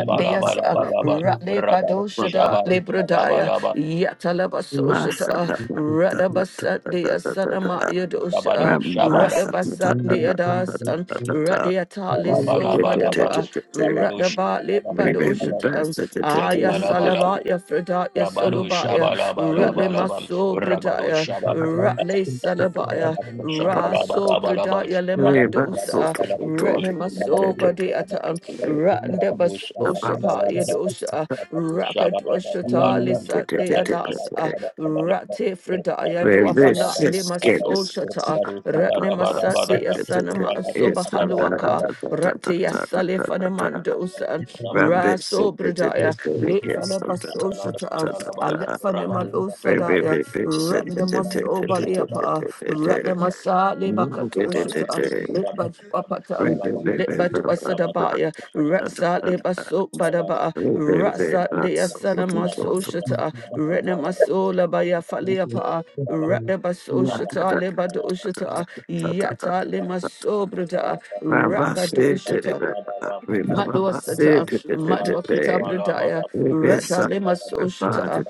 S1: Bala
S3: Rale Badoshada Lebradaya Yatalabasoshata Radabasandea Sanamaya Dosha Radabasandea Dasan Radiatali Somadaba Radabali
S2: made the
S3: Badoshata
S2: best. at
S3: Aya
S1: Bala
S3: Salavaya Fredaya
S1: Rabado
S3: Solubaya Ratle
S1: Shabalabalabam,
S3: Maso
S1: Rabado
S3: Bradaya
S1: Shabalabalabam,
S3: Ratle Salabaya
S1: Rabado
S3: Ra
S2: it.
S3: so brada
S1: Shabalabalabam, Rabado Shabalabalabam,
S3: ya leman
S1: Rabado
S2: Rabbit,
S3: dosa
S1: Shabalabalabam,
S3: retne maso
S1: Rabado
S3: badi ata
S1: Shabalabalabam,
S3: rande
S1: Rabado
S3: baso shapa ya
S1: Shabalabalabam,
S3: dosa
S1: Rabado
S3: raka
S1: Shabalabalabam,
S4: Thank
S3: doshata
S1: Rabado
S3: lisande adasa
S1: Shabalabalabam,
S3: rate frida ya
S1: Rabado
S3: do
S1: Shabalabalabam,
S3: fala ne maso shata retne masande asana maso bahaluaka rate ya salefane mandosa raso brada ya le fala baso shata
S1: Rabado
S3: Alefanemalosada,
S1: Shabalabalabam,
S3: Ratnemasobaliapa, Ratnemasali Bakatoshita, Litbatuapatan, Litbatuasadabaya, Ratsali Basobadaba, Ratsali
S2: Rebecca,
S3: Asanamasoshita, Retnemasola Baya Faliapa, Ratnebasoshita, Lebadoshita, Yata Limasobrada, Rakadoshita. Madua Sata, Madua Katabradaya, Rata Lima
S4: you.
S3: Soshita,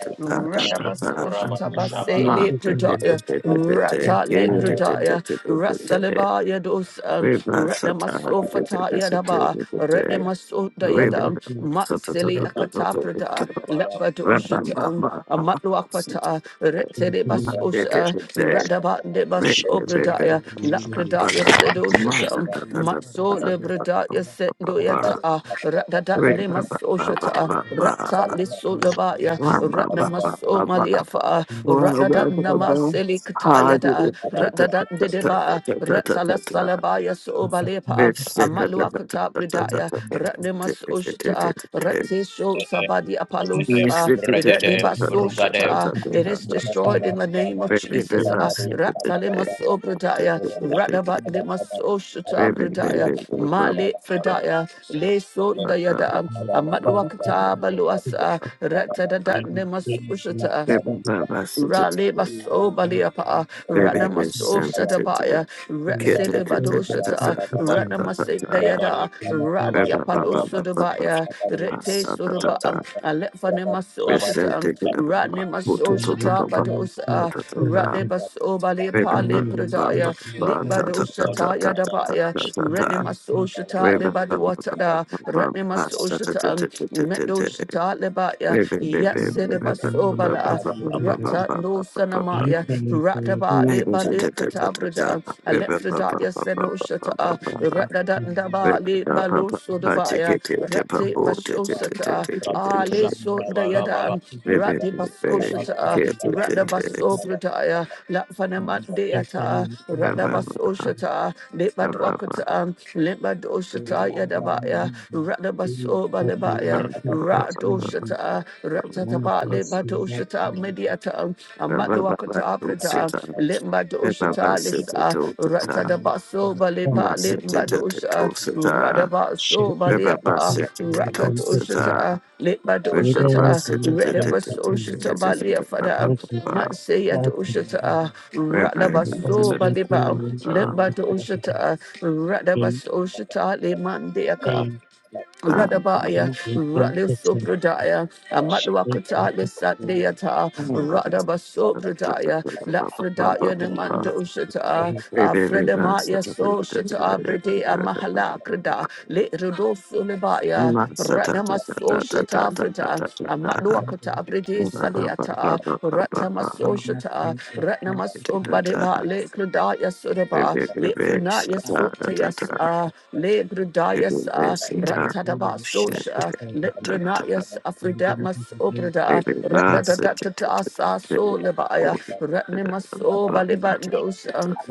S4: Thank
S3: Radabas Oshita Base Lepradaya, Rata le Lepradaya, Rasalibaya dos, Ratnamaso fata Yadaba, Retnamasota Yadam, Matsili Akatabradaya, Lepadoshita,
S2: Wow,
S3: Matluapata, Tedebasosha, Radabandebas Obradaya, Lakradaya Sedoshatam, Matso Lebradaya Sendoyata, Radadanemasosha, Rata Lisolabaya, Ratnamaso Maliafa, Radadanamaseliktayada, Radadadeba, Ratala Salabaya Sobalepa, Amatlu Wakata Bridaya, Ratnemas Ushta, Rate Sabadi Apalosa,
S1: Regede, regede,
S3: Iradibas
S1: rugade,
S3: Ushta, it is destroyed in
S1: Rabba
S3: the name of
S2: Represent
S3: Jesus, uh, Ratalemas Obradaya, Radabat Nemas Ushta Bridaya, Male Fridaya, Le Sundayada, Amatwakata Baluasa, Ratadada Nemas Ushta. Rale baso baliapa, rana maso shadabaya, retsele bado shata, rana masik dayada, radia palo sodabaya, rete sodaba, alefane maso shata, rane maso shata badosa,
S4: you.
S3: rale baso baliapa
S4: Shall
S3: le
S4: we pretend
S3: pradaya, lit bado shata yadabaya, rene maso shata le
S2: Baba
S3: bado watada, rene maso shata, medo shata le Baya, Yasileva Sobala, Rata no Sanamaya, Rataba Liba Lekatabraja, Alephrodaya Seno Shata, Ratadandaba Liba Losodabaya, Rate Bashosata, Ale Sondayadan, Rate
S1: Rabba
S3: Basoshata, Ratabaso Pradaya, Lafanamat Deata, Ratabasoshata, Liba
S1: Rabba
S3: Dwakata, Liba Doshata Yadabaya. Radabaso Balebaya, Radoshata, Ratataba, Lebadoshata, Mediata,
S2: Ba
S3: Amatluakata,
S2: ba ba
S3: Preda, Limbadoshata, Lisa, Ratadabaso Baleba, Limbadosha, Radabaso Baleapa,
S4: upon pretend?
S3: Rakadoshata,
S4: Either
S3: Limbadoshata,
S4: than upon pretend.
S3: Redabasoshata, Baleafada,
S4: Thank
S3: Matsaya Doshata, Radabaso
S4: you.
S3: Baleba, Limbadoshata, Radabasoshata, Limandiaka. Radabaya, Radle Sobradaya, Amatwakata, the Satdeata, Radaba Sobradaya, Lafredaya,
S5: you.
S3: Namanda Ushata, Afredamaya, So Shata, Bredea Mahalakrada, Le Rodosulibaya, Radama So Shata Frita,
S2: ba
S3: Amatwakata, Brede Saliata, Ratamasoshata, Ratnamasombadeba, Lekradaya Sudaba, Lefrenaya Sotayas, Lebradayas, Ratadaba Sosha, Lebranayas, Afridamas Obrada, Ratadadatasa Solabaya, Ratnamasoba Lebandos,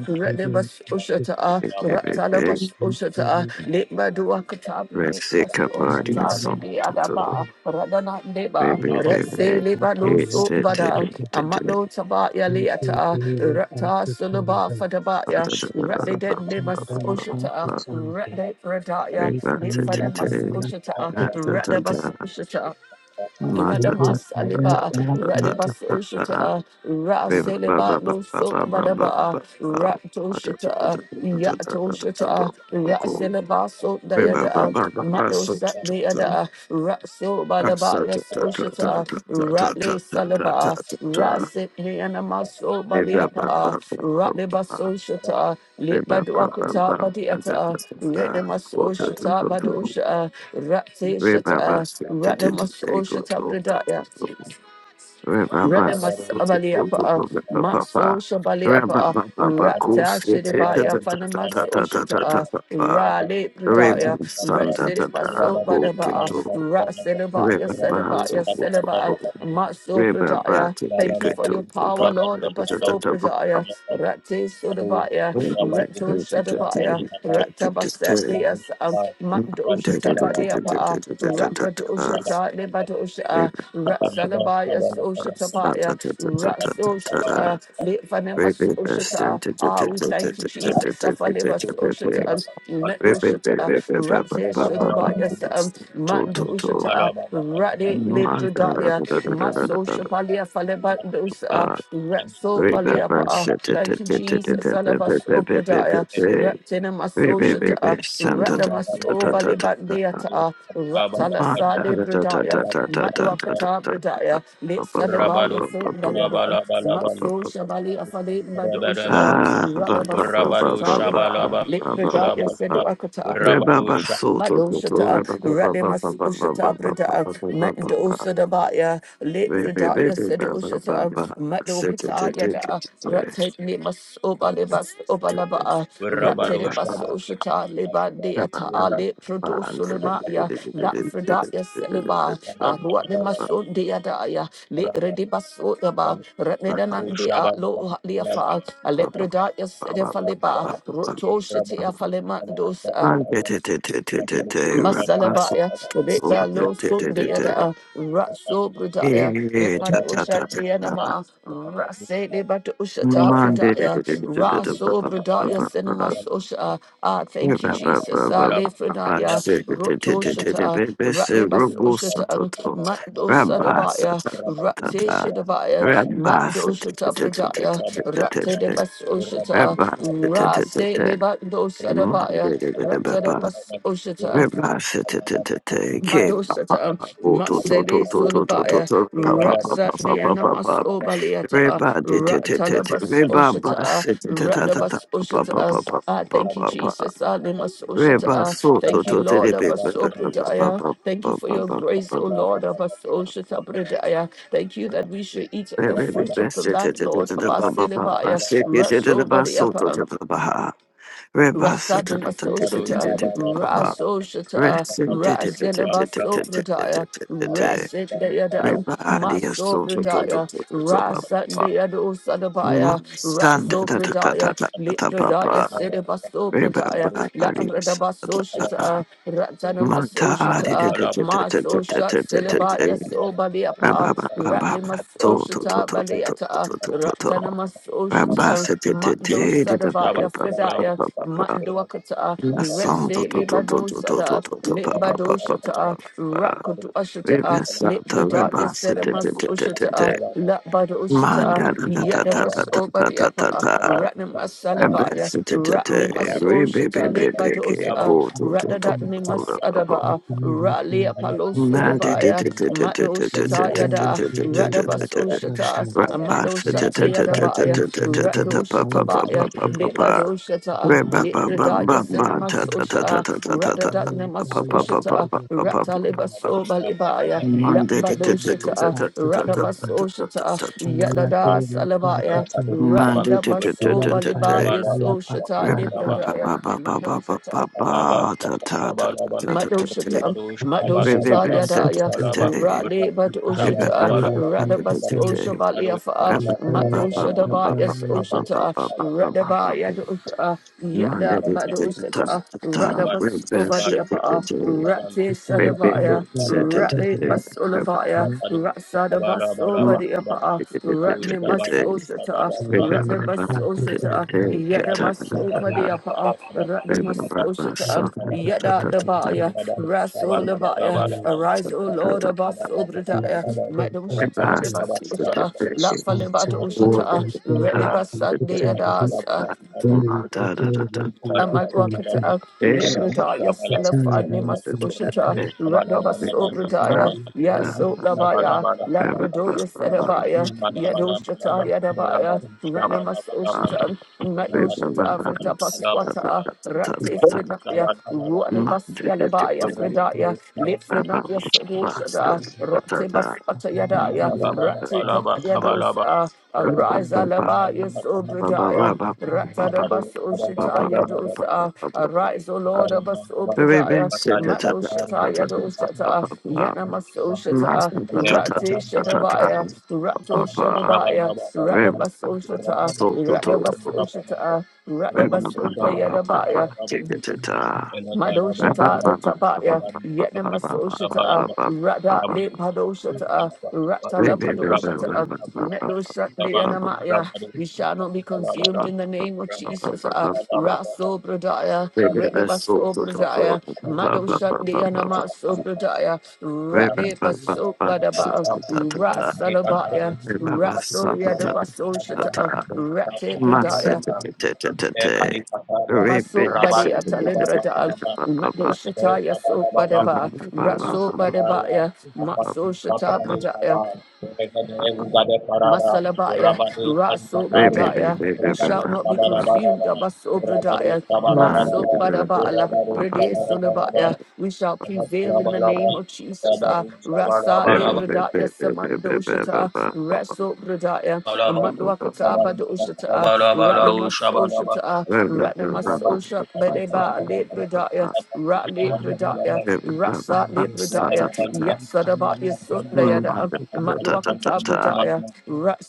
S3: Ratnamasoshata, Talabas Ushata, Litma Duakatabri, Mas
S2: Mexica party or
S3: Ushatabri,
S2: something.
S3: the Adaba, Radana Deba,
S2: Baby, baby,
S3: Retse Libano
S2: it's it. it
S3: Sobada,
S2: it it
S3: Amato Tabaya Liata, Rata Sulaba Fadabaya,
S4: Thank
S3: Rate de Nemas Ushata, Rate Radaya,
S2: it.
S3: Litfanemas Ushata,
S2: Something
S3: Radabas Ushata,
S2: Ma Ma
S4: you.
S3: Radamas Aliba, Radibas
S2: ah.
S3: Oshata,
S2: ba ba ba ba
S3: Raseleba Losok
S2: ba ba ba ba
S3: Badaba,
S2: ba. ba. Ma ta ta ta
S3: Ratoshata,
S2: ta ta ta ta ta ta ta ba
S3: Yatoshata,
S2: ba go.
S3: Raseleba Sot
S2: ba ba ba
S3: Dayada,
S2: ba ba ba
S3: Mato
S2: so ta
S3: Sat
S2: ta ta.
S3: Deada, Raso
S2: Ah, so ta ta ta
S3: Balaba,
S2: ta
S3: Yata,
S2: ta ta ta ta
S3: Ratley
S2: ta ta ta
S3: Salaba,
S2: ta ta.
S3: Rasit Hianamaso
S2: ba ba ba.
S3: Badiapa, Ratley Baso Shata,
S2: ba
S3: Lit
S2: ba ba ba ba ba ba ba ba
S3: Baduakata
S2: ba ta ta
S3: Badiata,
S2: ta ta.
S3: Retnamaso
S2: Go
S3: Shata Badusha, Ratte
S2: Remember,
S3: Shata, Ratnamaso Shata Bredaya. Redema
S2: Rebaba
S3: Sabali Apa, uh, Maso Shabali Apa, uh, Rata Shedibaya, Fanamas Oshata, Rale Pradaya, Red Sidibaso Badaba, Rat Sedibaya, Sedibaya, Sedibaya, Maso Pradaya. Thank you for your power, Lord. Abaso Pradaya, Rate
S1: Aduh,
S3: Sodabaya,
S1: dosa batin
S3: Reto
S1: berapa dikatakan
S3: Shadabaya,
S1: Tuhan
S3: Radia Sam,
S1: Mustafa
S3: Mandoshata
S1: Rasulullah berapa
S3: Badia Pa,
S1: kata sabar
S3: Rakadoshata
S1: kata kata kata
S3: Libadosha,
S1: kata laba
S3: Ratsalabaya
S1: sabar kata kata
S3: Soshatapaya,
S1: berapa sabar kata
S3: Ratsoshata,
S2: Ah, ba ba ba ba ba ba ba ba
S1: kata
S3: Litvanemas
S2: ba
S1: berapa
S3: Oshata.
S1: sabar
S3: Ah,
S1: kata
S3: we thank you,
S1: berapa
S3: Jesus. Safalibas Oshata,
S1: kata kata
S3: Medoshata, Ratse
S1: kata laba laba
S3: Shodabaya
S1: laba
S3: Sam,
S1: kata Mustafa
S3: Mandoshata,
S1: laba laba laba
S3: Radi
S1: laba kata sabar
S3: Libradaya,
S1: kata kata
S3: Maso Shapalia Lebandosa, Retso
S1: kata kata
S3: Baleapa, thank you, Jesus, Alabas
S1: kata
S3: Obradaya, Retinamaso Shata,
S1: Rabado
S3: Ratnamaso Balebandeata, Ratalasa Lebradaya, Matuakata Bradaya, Lit Sadabaya Sundayada, Matso Shabali Afale Madosha, Ratlabas Osata
S2: ba
S3: Liba, Lit
S2: ba
S3: Bradaya
S2: ba
S3: Seduakata.
S2: Rebaba soto toto
S3: Madoshata,
S2: rebaba ba ba ba ba
S3: Radimas
S2: ba ba ba
S3: Ushata
S2: ba ba
S3: Brida,
S2: ba ba ba ba.
S3: Mendosa Dabaya, Late
S2: Re- re- re-
S3: Bridaya
S2: re- ba ba ba
S3: Sedoshata,
S2: ba. Se- te- te-
S3: Madokata
S2: te- te- te-
S3: Yada,
S2: te- te-
S3: Ratate Limas Obalibas
S2: te-
S3: Obalaba,
S2: re- ba
S3: Ratate
S2: ba ba.
S3: Basoshata,
S2: Re- ba ba ba.
S3: Libandiata, Late
S2: Re- re- re- re-
S3: Prodosulamaya,
S2: re- re- re-
S3: Nat
S2: re- re-
S3: Fridaya
S2: re- re-
S3: Seliba,
S2: re- re- ba ba ba ba.
S3: Ruanimason Diadaya, Late Redibasotaba,
S2: Ba
S3: Ratnedanandia, Lo Liafa,
S2: ba ba ba ba
S3: Alepredaya
S2: ba ba
S3: Sedefaliba,
S2: ba ba
S3: Rotoshiti
S2: ba.
S3: Afalemandos,
S2: Man, te- te- te- te- te- te- te. Reba soto
S3: Masalabaya,
S2: toto te-
S3: Rebalo
S2: te-
S3: Sut
S2: te- te-
S3: de
S2: te.
S3: Ada,
S1: Rabadu
S3: Ratso Bridaya,
S2: Eh, eh, eh, cha- cha-
S3: Bitmadosha
S2: cha- cha.
S3: Dianama, Rase de Batushata
S2: Monday,
S3: Fridaya, Raso Bridaya Cinema Sosha. Ah, thank you, Jesus. Ah, Le Fridaya, Roto Shata, Ratnebas Ushata, Mando Sadabaya, Rate Shadabaya, Mando Shata Bridaya, Rate de Bas Ushata, Rase Lebando Sadabaya, Rate de
S2: Rabba
S3: Bas
S2: Rebashetetetete ke pa pa
S3: Madosata,
S2: pa po to to to
S3: Matsele
S2: to to to to
S3: Solabaya,
S2: to pa pa pa pa pa pa
S3: Ratsadeana
S2: pa pa
S3: Masobaliata,
S2: Reba de te te te te
S3: Ratalabas
S2: reba
S3: Oshata,
S2: basetetetata
S3: Ratabas
S2: pa pa pa
S3: Oshata.
S2: pa
S3: Ah,
S2: pa
S3: thank you,
S2: pa pa
S3: Jesus. Ah, Lemas
S2: reba
S3: Oshata.
S2: so to
S3: Thank you,
S2: to te te
S3: Lord
S2: te pa pa pa pa
S3: Abasobradaya.
S2: pa
S3: Thank you for
S2: pa
S3: your
S2: pa pa pa
S3: grace,
S2: pa
S3: O
S2: pa
S3: Lord
S2: pa
S3: Abasoshata Bradaya. Thank you that we
S1: Sabar,
S3: should eat of the
S2: Rebbe
S3: fruit of the
S2: best to
S3: land, Lord
S2: the Baba Baba,
S3: Abasilabaya,
S2: sit it in the basalt to
S3: Rasobadiapa.
S2: the Baha, Rebassa to
S3: Rasanima Soshata,
S2: the Baba,
S3: Rasoshata,
S2: Rest in
S3: Rasinima Sobradaya,
S2: the
S3: Rasindayadam,
S2: Everybody is so so so so
S3: Masobradaya,
S2: so so so so so.
S3: Rasandayado Sadabaya,
S2: Mm, son, da da da da da
S3: Rasobradaya,
S2: da da da
S3: Libradaya
S2: da.
S3: Sidiba Sobradaya, La
S2: Everybody is
S3: Radaba
S2: da da da.
S3: Soshata, Ratanama
S2: Mm, da di, di,
S3: Soshata,
S2: di, di, di, di,
S3: Masoshat
S2: di, di, di, di, di,
S3: Silibaya
S2: di. Ba,
S3: Sobaliapa,
S2: ba, ba, ba, ba,
S3: Ratnima
S2: ba. So so so
S3: Soshata
S2: so so so so
S3: Baliata,
S2: so so so. Ba, ba,
S3: Ratanamasosha,
S2: se, di, di,
S3: Mando
S2: di, di, da, ba,
S3: Sadabaya
S2: ba, ba, ba, ba,
S3: Fredaya,
S2: ba,
S1: sabar,
S2: ba, ba.
S3: Manduakata,
S2: Mm, son, so
S3: Retse
S2: so so so
S3: Lebano
S2: so so so
S3: Sada,
S2: so so. Ba, ba,
S3: Limbado
S2: ba, ba, ba, ba,
S3: Shata,
S2: ba, ba.
S3: Rakutu
S2: Everybody
S3: Ashata,
S2: is da da.
S3: Libradaya
S2: Everybody se, di, di,
S3: Sedamas
S2: di, di, di, di.
S3: Ushata, Labado Shata, uh,
S2: Manda da da da da
S3: Yadabas
S2: da da da da
S3: Obadiapa.
S2: da
S3: uh,
S1: sabar,
S2: da.
S3: Ratni
S1: sabar,
S3: Masalabaya,
S2: Abesti te te
S3: Ratni
S2: te.
S1: sabar,
S2: Ribi
S3: Masoshata
S2: bi
S1: Shabba
S2: bi
S3: Lepadosa,
S2: go to to to
S3: Radadatni
S2: to to to to.
S3: Masadaba, Rali
S2: Manda da da da. Manda te
S3: Apalosodabaya,
S2: te te te te da da
S3: Madosata
S2: da da
S3: Yada,
S2: da da da da da. te te.
S3: Radabasoshata,
S2: Rabasti
S3: Amadosat
S2: te te te te te
S3: Yadabaya,
S2: te te te te te pa pa pa pa
S3: Radosatabaya,
S2: pa pa pa.
S3: Ushata,
S2: Reba ba ba ba
S3: Likradaya
S2: ba ta
S3: Senamas
S2: ta ta ta
S3: Usha,
S2: ta ta ta ta.
S3: Ratadat Namas
S2: Pa pa pa pa pa
S3: Ushata,
S2: pa pa pa pa pa.
S3: Ratalibaso Balibaya,
S4: Thank
S2: Manda da da da
S4: you.
S2: da da.
S3: Lambadoshata,
S2: te da da da
S3: Ratabas Ushata, Yadada Salabaya,
S2: da da
S3: Randabaso
S2: da da te.
S3: Balibaya, Soshata,
S2: Remember,
S3: Libradaya. Madoshata, um, Madoshata Yadaya, Rale Badoshata, Radabas Oshabaliafa, Madoshada Bayas Oshata, Radaba Yadosha, Yada Madoshata, Radabas Obadiapa, Rate Sadabaya, Rale Basolabaya, maso body apa ah, ratne maso shata
S1: Shabbat
S3: ratne maso shata yada maso body apa ah, ratne maso shata yada the baya raso the baya arise o lord above over the ya madam shata the baso shata
S2: Bastard.
S3: la
S4: Thank
S3: fale bato shata ready basan de yada
S1: Baru,
S3: Amadwakata, Mitradaya, Salafanimas Ushata,
S4: you.
S3: Radabas Obradaya, Yaso Labaya, Labradoya Sedabaya, Yadoshata Yadabaya, Ranamas Ushata, Medoshata Vritabaswata, Rati Fridaya, Ruadibas Yalabaya Fridaya, Lifrinaya Sodoshata, Rati Baswata Yadaya, Rati Katayados,
S2: So
S3: Arise Alabaya Sobradaya. Ratadabas Ushitaya dosa. Arise, O Lord, Abas Obradaya. Mato Shataya dosata. Yanamas
S1: Rabbanu
S3: Ushita. Rati Shadabaya. Rato Shadabaya.
S4: Thank
S3: Ratabas Ushita.
S2: to to
S3: Ratabas Ushita. Ratabas Ushita Madoshata Ratabaya, Yetnamasoshata, Rada Le
S2: to
S3: Padoshata, Ratala Padoshata, Medoshat Leanamaya. We shall not be consumed in the name of Jesus. uh, Raso Bradaya, Retnebaso
S2: Man,
S3: Bradaya, Madoshat Leanamaso Bradaya, Rade Baso Badaba, Rasalabaya, Raso Yadabaso Shata, Rate Bradaya, Maso bade atalebrada mado shataya so badaba raso badabaya maso shata bradaya Masalabaya, Rasobradaya, we shall not be consumed, Abasobradaya, Masobadabala, Brede Solabaya,
S1: Rabadu
S3: we shall prevail in the name of Jesus, Ah, Rasa Lebradaya, Samandoshata, Rasobradaya,
S1: Thank
S3: Matwakata Badoshata, Radamasoshata,
S2: Rabba
S3: Radamasosha, Bedeba Lebradaya, Rat Lebradaya, Rasa
S4: you.
S3: Lebradaya,
S4: With Alila
S3: Yasadabaya
S4: Pay Lapa
S3: Sundayada,
S4: Putan,
S3: Matwakata Bradaya.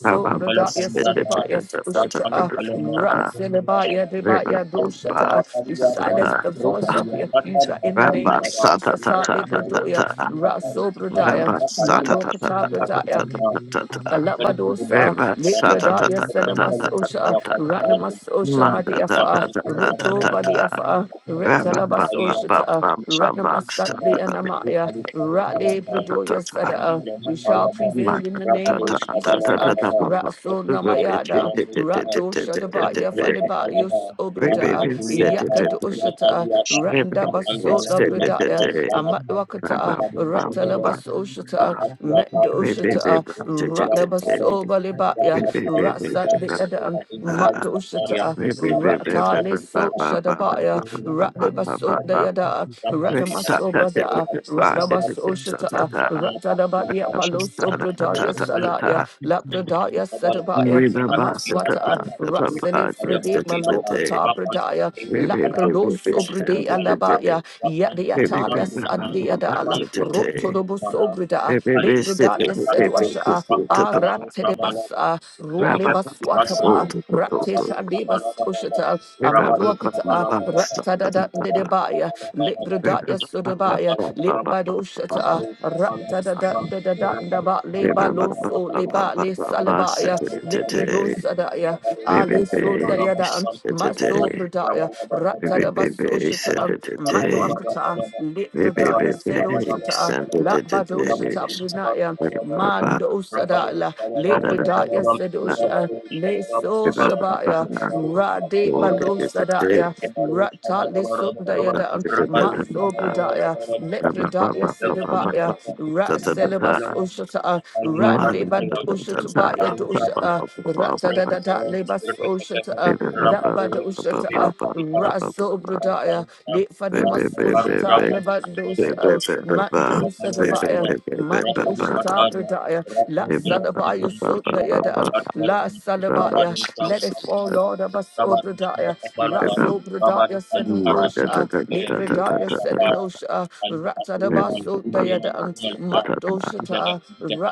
S4: Taylor Lapa
S3: Bradaya
S4: Putan,
S3: Sedibaya Sushita
S4: then Alila Pay,
S3: Ratsilibaya Debaya Doshata. You
S4: Lapa
S3: silence the voice of the
S4: Putan,
S3: accuser
S4: Putan,
S3: in the name of Jesus.
S4: which
S3: Ali
S4: Mary
S3: Bradoya
S4: Harry
S3: Ratso
S4: Putan,
S3: Bradaya Madokata
S4: Shall the
S3: Bradaya
S1: you.
S4: Pandela Papa
S1: बिल्कुल,
S4: Tango,
S3: Alabadosa
S1: बिल्कुल। अ,
S3: Libradaya
S4: any Pandela
S1: potential
S3: Senamasosha
S1: hadiah paling
S4: Putan,
S1: baru
S3: Ratnamasosha
S1: dan
S3: Madiafa
S1: pencapaian
S4: any
S1: halaman
S3: Roto
S1: 5 Pak,
S3: Badiafa
S4: Pandela
S1: bukan halaman kali
S4: Putan,
S1: apa,
S3: Retalabasoshata
S4: she done in the
S3: Ratnamasatli
S4: Putan,
S3: Anamaya
S4: any
S1: bukan
S4: Pandela Putan,
S2: Thank
S3: Ratli
S1: halaman
S3: Bradoya Sada.
S1: Rabbana
S3: We shall prevail in the name of Jesus. Uh, Yada, Ratso Namayada, Rato Shadabaya Faliba Yus Obrada, Yakad Ushata,
S4: Shall
S3: Ratanda Baso
S4: the
S3: Labradaya,
S4: you.
S3: Amatwakata,
S4: Thank
S3: Ratalabaso Shata, Mendo Shata, Ratlabaso Balibaya, Ratsa the Mato Shata, Rata Leso Shadabaya, Ratna Baso Dayada, Ratna Maso Brada, Ratna Baso Shata,
S1: Wakatiya
S3: Ratadabatia
S1: Pakiyatara,
S3: Paloso Bradaya
S1: Asantara Kalita,
S3: Salaya, Labradaya
S1: Nagabalaga,
S3: Sadabaya,
S2: Riba basa tata
S3: Amaswata,
S1: Takapitatara,
S2: tata pa
S1: Vivekan
S3: Ratsele
S2: yes
S3: Frede
S2: tete
S1: Kayamadiyata,
S2: tete
S3: Malokata
S1: Mapan
S3: Bradaya,
S1: Tebo
S2: ribi
S1: Sara,
S2: ribi bis
S3: Lakradoso
S1: Nagam Kaja
S2: tete
S3: Bradea
S2: tete
S1: Kalita,
S3: Labaya,
S1: Rapan
S2: ribi
S3: Yadiata
S1: Kinuman
S2: riba
S3: Les
S1: Kuliman,
S2: baba
S1: Ekan
S3: Adiada,
S2: basa tete
S1: Kuliman
S3: Rotodobo
S1: Kumala,
S3: Sobrada,
S2: ribi
S1: Kali
S2: bis
S1: Bubu
S2: tete
S3: Lepradaya
S2: tete
S1: Asalaba,
S3: Seduasha.
S2: kuku
S1: Pakam
S2: tapa
S1: Karano Sabalaba,
S3: Aratedebasa,
S2: riba
S1: Vivekan
S2: baba so
S1: Kapitatara,
S3: Rualebaswatapa,
S2: toto toto
S1: Rabado
S3: Ratesha Debas
S1: Sabalaba Laba,
S3: Ushata,
S2: riba
S1: Rabado
S2: baba
S3: Amatwakata,
S1: Sabalaba Laba,
S2: basa tata
S3: Ratada
S2: tata
S1: Rabado
S3: Dedebaya,
S1: Sabalaba
S2: riba
S3: Libredaya
S2: baba
S3: Sudabaya,
S2: baba baba
S1: Rabarus,
S2: baba baba
S3: Libadushata, Ratada Dada Daba,
S2: riba
S3: Leba
S2: baba
S3: Loso,
S2: baba
S3: Leba Le
S2: baba basa
S3: Salabaya,
S2: tete tete
S3: Libredosadaya,
S2: ribi
S3: Ale
S2: bis
S3: Sodayadan,
S2: tete
S3: Maso
S2: tete
S3: Bredaya,
S2: ribi
S3: Ratada
S2: ribi bis tete
S3: Basushata,
S2: tete
S3: Matwakata,
S2: Ba
S3: Libredaya Sedoshata, Labadoshata Brunaya. Mando Sadala, Lebredaya Sedosha, Le So Shabaya, Rade Balo Sadaya, Rata Lisundaya Dan, Matso Bredaya, Lepredaya Sedabaya, Rat Celebas Oshata, Rande Badoshatabaya Dosha, Ratadada Lebas Oshata, Lambada Oshata, Raso Bredaya, Lefanemas Oshata, Lebandos,
S1: Baru
S3: Mando Sadabaya,
S1: Kalakalabalaba,
S3: Mando
S1: Rakali Pataya,
S3: Shatabradaya, La
S1: Rakali
S3: Salabaya
S1: Kalakantun, Ilakali
S3: Sundayada, La
S1: Patwarvan,
S2: Baba.
S3: Salabaya,
S1: Rabadu
S3: let it fall,
S1: Sabarabanapari,
S3: Lord
S1: Rabadu
S3: Abasobradaya,
S1: Shabarabalaba, Rabadu
S3: Rasobradaya
S1: Kali patah dengan berapa dan selama lama lama berapa dan selama lama lama berapa dan kali Karasan,
S3: Senulosha,
S1: Eh, Ila
S3: Libradaya
S1: Shaka,
S3: Senunosha,
S1: Kali Paturwan,
S3: Ratadabasundayada,
S1: Wiran
S3: Mando Shata,
S1: Kalpa,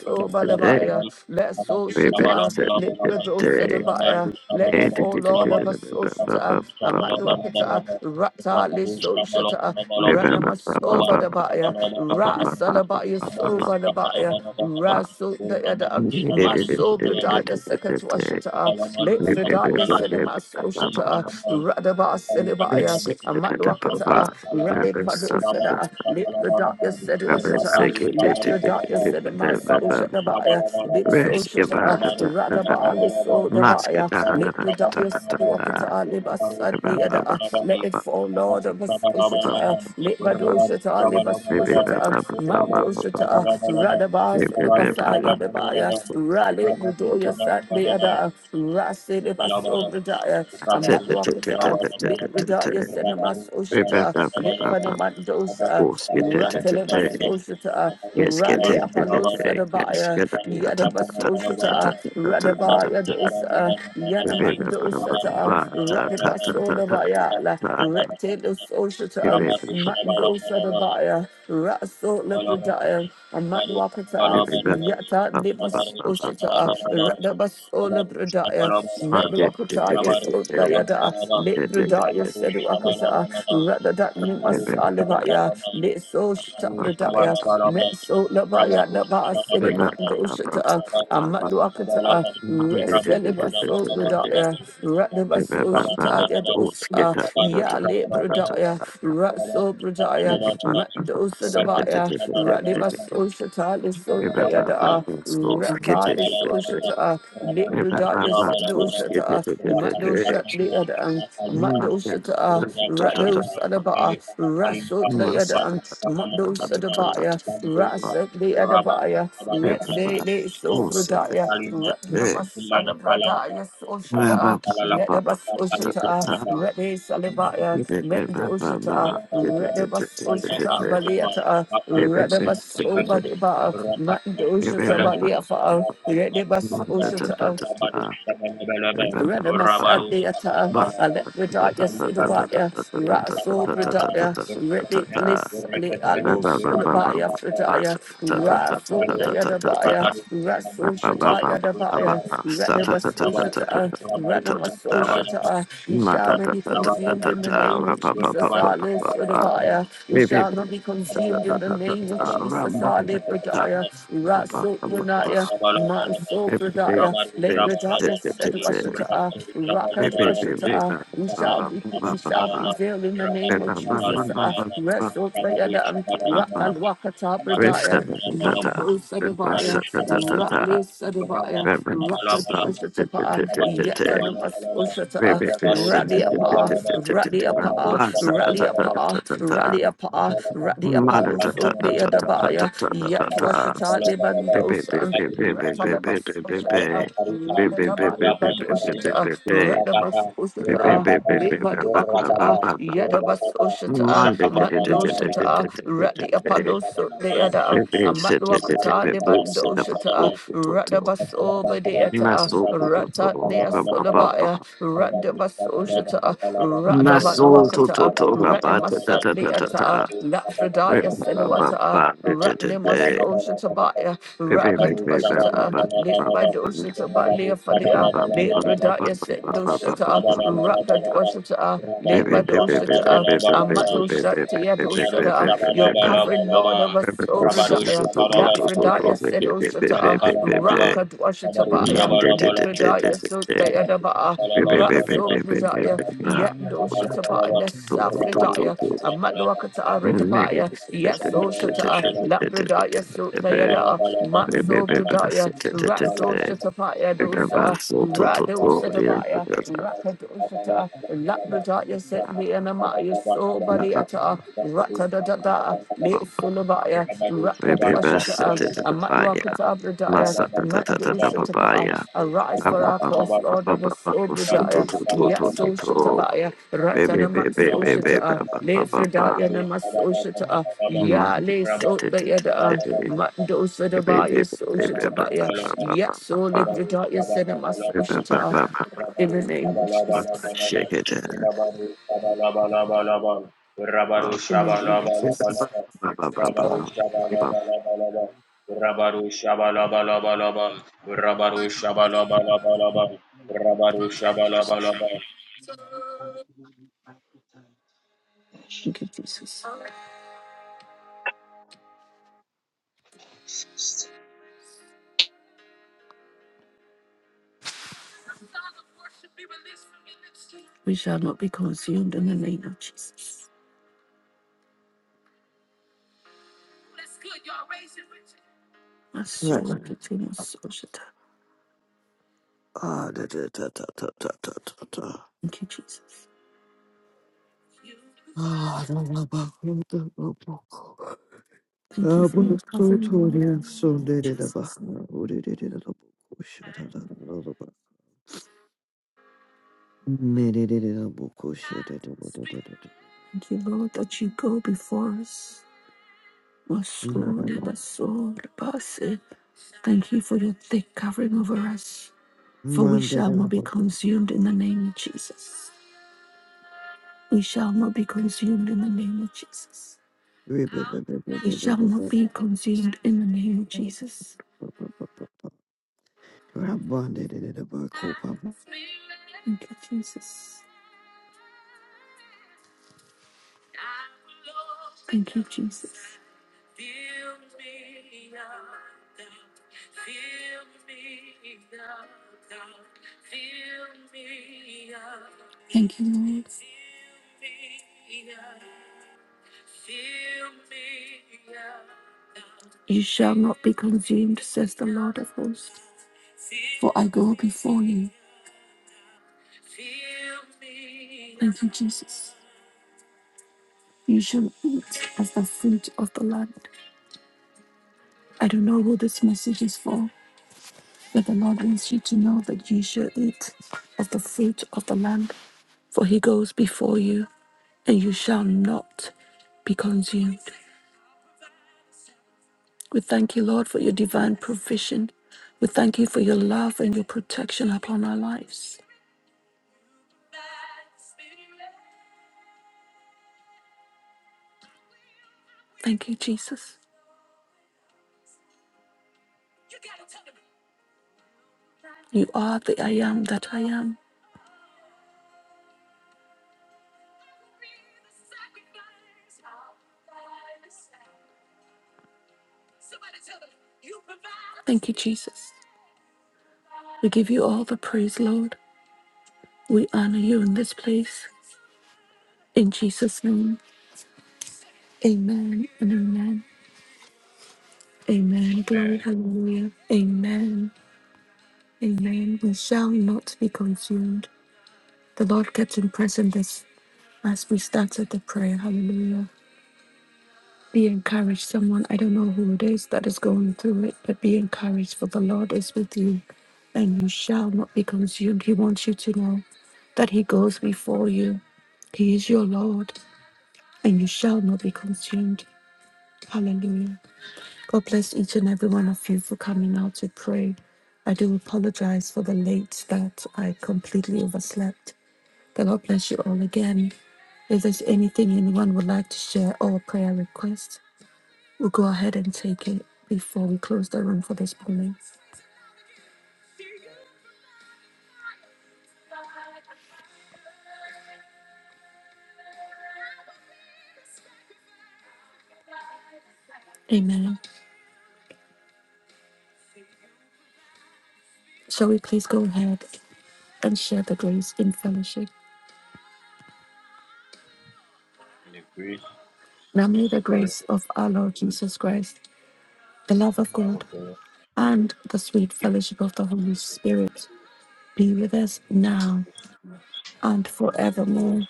S1: Sampar
S3: Let so Shata, Libradosadabaya, let it fall, Lord Soshata, Amadwakata, Rata Le Soshata, Ranamasobadabaya, Rasalabaya Sobadabaya, Raso Dayada, Masobradaya Sekatuashata, Late Fredaya Sedama Soshata, Radaba Selebaya, Amadwakata, Rade
S1: Rabarus
S3: Padosada, Late Radaya said
S2: Yes,
S3: was it a uh,
S2: get
S3: let the
S2: it.
S3: darkness in the mass ocean the buyer, big social to a rather barley so the buyer, let the darkness do up to a liver suddenly at a let it fall, Lord of us ocean to a let my dosha to a liver social to a mandosha to a rather bars the basaya the buyer, rally the doya suddenly at a rassi the basso the dire, a matlock to a let the darkness in the mass ocean to a let for the mandos. Ratelebasoshita,
S2: Yes,
S3: Rally Apalos Adabaya, Yadabasoshita,
S2: get
S3: Radabaya
S2: it.
S3: Dosa, Yanamando Sata, Radibasoda Bayala, Retel Soshata, Mando
S1: Rabba
S3: Sadabaya, Raso Lepredaya, Amadwakata, Yata Nimas Oshata, Radabasola
S1: Rabarush
S3: Bredaya,
S1: Shabalabalabas,
S3: Medwakata, yes,
S1: Rabarush
S3: Odayada,
S1: Shabalabalabas,
S3: Lepredaya,
S1: Rabarush
S3: Sedwakata,
S1: Shabalabalabas,
S3: Radadat Nimas
S1: Rabarush
S3: Alivaya,
S1: Shabalabalabas,
S3: Leso Shata
S1: Rabarush
S3: Bredaya,
S2: Remember,
S1: Shabalabalabas,
S3: Metso Labaya,
S1: Rabarush Shabalabalabas,
S3: Nabas, Elimando Shata,
S1: Rabarush Shabalabalabas, Rabarush
S3: Amadwakata,
S1: Shabalabalabas, Rabarush Shabalabalabas,
S3: Reselibaso Brudaya,
S1: Rabarush
S3: Radabaso Shataya
S1: Shabalabalabas,
S3: Dosa, Yale Brudaya, Raso
S1: Rabarush
S3: Brudaya, Madosa
S1: Shabalabalabas, Rabarush
S3: Dabaya,
S1: Shabalabalabas,
S3: Radibaso Shatali
S1: Terima
S3: Sodayada, Ratali Soshata,
S2: Ba
S3: Librudaya Sedoshata, Madosha Deadan, Madosata, Radosadaba, Raso Mados Adabaya, Rasa de Adabaya, Yetse de Sobradaya, Ratnabas Adabradaya Soshata, Yetabas Oshata, Rede Salibaya,
S1: kasih.
S3: Mendo Oshata,
S1: Akalakalama,
S3: Redabas
S1: Kaltakan
S3: Oshata
S1: Kalamai,
S3: Valiata,
S1: Makan Kalama,
S3: Redabas
S1: Kalkalama,
S3: Obadiba,
S1: Berakan
S3: Mando Oshata
S1: Kalama, Kalamai,
S3: Baliafa,
S1: Rakan Rakan
S3: Redabas
S1: Kalai,
S3: Oshata,
S1: Rabaru Shabalabalabai, Rabaru
S3: Renamasandeata,
S1: Shabalabalabai,
S3: Alepredaya
S1: Kali Karuja,
S3: Sedabaya,
S1: Berita
S3: Raso
S1: Kamara,
S3: Bredaya,
S1: Berkatnya,
S3: Reditlis Ale
S1: Berkatnya,
S2: Rip,
S3: Alos
S1: Berakat
S3: Ulabaya Fredaya, Raso Dayadabaya, Raso Shata Yadabaya, Renamaso Shata, Renamaso Shata,
S4: you.
S3: you shall
S1: कर
S3: not be consumed
S1: लाद
S3: in
S1: कर
S3: the name of
S1: दो कर
S3: Jesus,
S1: दो
S3: Alos
S1: कर
S3: Ulabaya, you shall not be
S4: Thank
S1: दो कर
S3: consumed
S1: दो
S3: in the
S1: हमाला भ
S3: name of
S1: desarroll
S3: Jesus, Ale Bredaya,
S1: O
S3: Raso
S1: क्विस
S3: Bredaya,
S1: करना
S3: Manso
S1: ला कर दो सो अरूः�
S3: Bredaya.
S1: 한번 नदो कर
S3: Lepradaya said
S1: दो
S3: Washata,
S1: कर दो है। चालों
S3: Raka to
S1: नदो
S3: Washata, we
S1: 누ag झाद
S3: shall be we
S1: हर
S3: shall prevail in the
S1: जär
S3: name of
S1: एगा नो
S3: Jesus.
S1: कर दů सो ना कर दो
S3: Uh, Wrestled by
S1: परता तुम झाद हर
S3: Adam,
S1: जा में конце
S3: Raka
S1: नदो उति
S3: Wakata
S1: और माले भू
S3: Bradaya,
S1: जागा전� है।
S3: Mando Sadabaya,
S1: Barushabalaba,
S3: Ratli Sadabaya,
S2: Master
S3: Raka to
S1: Ramarushalabalaba,
S3: Washata, Yetanamas
S1: Ramarushabalabalaba,
S3: Ushata, Rally Apa,
S1: Ramarushalabalaba,
S3: Rally Apa, Rally
S1: Ramarushalabalaba,
S3: Apa, Rally Apa,
S1: Ramarushalabalaba,
S3: Rally Apalo Sot de
S1: Rapantalamantalamai,
S3: Adabaya, Yet wash it out,
S1: Ramarushabalabalaba,
S3: Libandosa,
S1: Nakumikaruha,
S3: Ratalabas Oshata,
S1: Raja Karuha,
S3: Radataba
S1: Maria Pamparale,
S3: Libadoshata, Ratamas Oshata, Libaduakata, Yadabas Oshata, Mandoshata,
S1: Shabalala,
S3: Rati Apolloso, Leada, Amatwakata, Libandoshata, Ratabas Obadeata, Rata Nea Solabaya, Ratabas Oshata, Radaba
S2: Maso to
S3: Luakata,
S2: to to ga ba ta ta ta
S3: Ranimasat
S2: ta ta ta.
S3: Beata,
S2: Re
S3: Lafredaya
S2: ba ba
S3: Seluata,
S2: ba ba de de de de.
S3: Ratnimasoshatabaya,
S2: Re be be be ba ba
S3: Rakatwashata,
S2: ba
S3: Lit
S2: ba ba
S3: by
S2: ba.
S3: Doshitaba Lea
S2: Re ba
S3: Falia,
S2: ba ba
S3: Lit
S2: ba ba ba ba ba
S3: Radaya
S2: ba ba ba
S3: Sendoshata,
S2: ba ba.
S3: Rakatwashata,
S2: Re
S3: Lit
S2: be
S3: by
S2: be be be be
S3: Doshata,
S2: be be be be be be be
S3: Amadoshatia
S2: be be be be
S3: Dosada, your
S2: be be.
S3: covering Lord of us,
S2: Re be go so so
S3: Obradaya,
S2: to to to to to.
S1: Rabarush,
S3: Lafredaya
S2: Re be be be be be be
S3: Sedoshata,
S2: be.
S1: Kadakalabalabang,
S3: Raka Dwashatabaya,
S2: Mm, De de de de de
S3: Libradaya
S1: kabarushalabalabalabalabang,
S2: de de.
S3: Sotayadaba,
S2: Re be be be
S3: Raso
S2: be
S1: kabarushalabalabalabalabang,
S2: be be
S3: Bradaya,
S2: be be. Ra.
S3: Yendo
S2: To to
S3: Shataba,
S2: to
S1: kabarushalabalabalabalabang,
S2: to to to to
S1: kabarushalabalabalabalabang,
S2: to
S3: Nesafridaya,
S2: to.
S1: kabarushalabalabalabalabang, kabalabalabang,
S3: Amadwakata Redabaya, Yeso Shata,
S1: kabarushalabalabalabalabang,
S3: Labradaya Sotayada,
S1: kabarushalabalabalabalabang,
S3: Manso Bradaya, Raso Shatapaya Dosa, Rado Shatabaya, Raka
S1: kabarushalabalabalabalabang,
S3: Doshata, Labradaya Set me and Amaya So Baliata, Rata da da da, Le
S1: kabarushalabalabalabalabang,
S2: Baby,
S3: Sulabaya,
S1: kabarushalabalabalabalabang,
S3: Raka Dwashata
S1: kabarushalabalabalabalabang,
S3: a matwakata abradaya, mandusatapa, arise for our cause, Lord of us, obradaya, yaso shatabaya, ratanama soshata, lefredaya namasoshata, ya le sotbayada, mandusadabaya soshatabaya, yaso
S1: Rabaru
S3: libradaya senama
S1: Sabalabalabal,
S3: soshata, in
S1: Rabaru
S3: the name of Jesus,
S1: Sabalabalabal,
S2: Shake it.
S1: Rabaru Sabalabalabal, Rabaru
S2: Ah,
S3: in the name of
S2: da da
S1: Shabalabalabal,
S3: Jesus.
S2: da da
S3: Lord,
S1: Rabaru Shabalabalabal,
S4: you.
S1: Rabaru Shabalabalaba.
S3: Thank you, Jesus. We shall not be consumed in the name of Jesus. My soul continues Soshita.
S2: da da da da da.
S3: Thank you, Jesus.
S2: Ah, da da ba da da ba.
S3: Thank you
S2: Ah,
S3: for
S2: bunu
S3: your covering,
S2: soğutuyor. Son
S3: Lord.
S2: dedi de
S3: Jesus.
S2: bak. O dedi de de bu kuş. Da da da da bak. Me dedi de de bu kuş. Dedi de de
S3: Thank you, Lord, that you go before us. My soul, my soul, my soul. Thank you for your thick covering over us, for we shall not
S2: de
S3: be
S2: de.
S3: consumed in the name of Jesus. We shall not be consumed in the name of Jesus. We shall not be consumed in the name of
S2: Rabandere
S3: Jesus.
S2: de Bacopa.
S3: Thank you, Jesus. Thank you, Jesus. Thank you, Lord. You shall not be consumed, says the Lord of hosts, for I go before you. Thank you, Jesus. You shall eat of the fruit of the land. I don't know who this message is for, That the Lord wants you to know that you shall eat of the fruit of the land, for he goes before you, and you shall not be consumed. We thank you, Lord, for your divine provision. We thank you for your love and your protection upon our lives. Thank you, Jesus. You are the I am that I am. Thank you, Jesus. We give you all the praise, Lord. We honor you in this place. In Jesus' name, amen and amen. Amen. Glory, hallelujah. Amen. Amen. We shall not be consumed. The Lord kept impressing this as we started the prayer. Hallelujah. Be encouraged, someone. I don't know who it is that is going through it, but be encouraged, for the Lord is with you, and you shall not be consumed. He wants you to know that He goes before you. He is your Lord, and you shall not be consumed. Hallelujah. God bless each and every one of you for coming out to pray. I do apologize for the late that I completely overslept. The Lord bless you all again. If there's anything anyone would like to share or prayer request, we'll go ahead and take it before we close the room for this morning. Amen. Shall we please go ahead and share the grace in fellowship?
S1: In the grace,
S3: Now may the
S1: and the
S3: grace of our Lord Jesus Christ, the love of
S1: love of
S3: God,
S1: God, and
S3: and the
S1: the
S3: sweet
S1: gift.
S3: fellowship of the Holy Spirit be with us now and forevermore.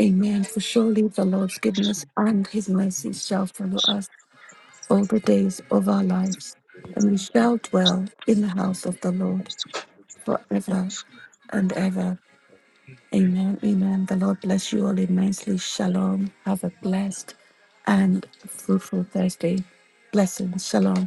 S3: Amen. For surely the Lord's goodness and his mercy shall follow us all the days of our lives, and we shall dwell in the house of the Lord forever and ever.
S4: Amen.
S3: Amen. Amen. The Lord bless you all immensely. Shalom. Have a blessed and fruitful Thursday. Blessings. Shalom.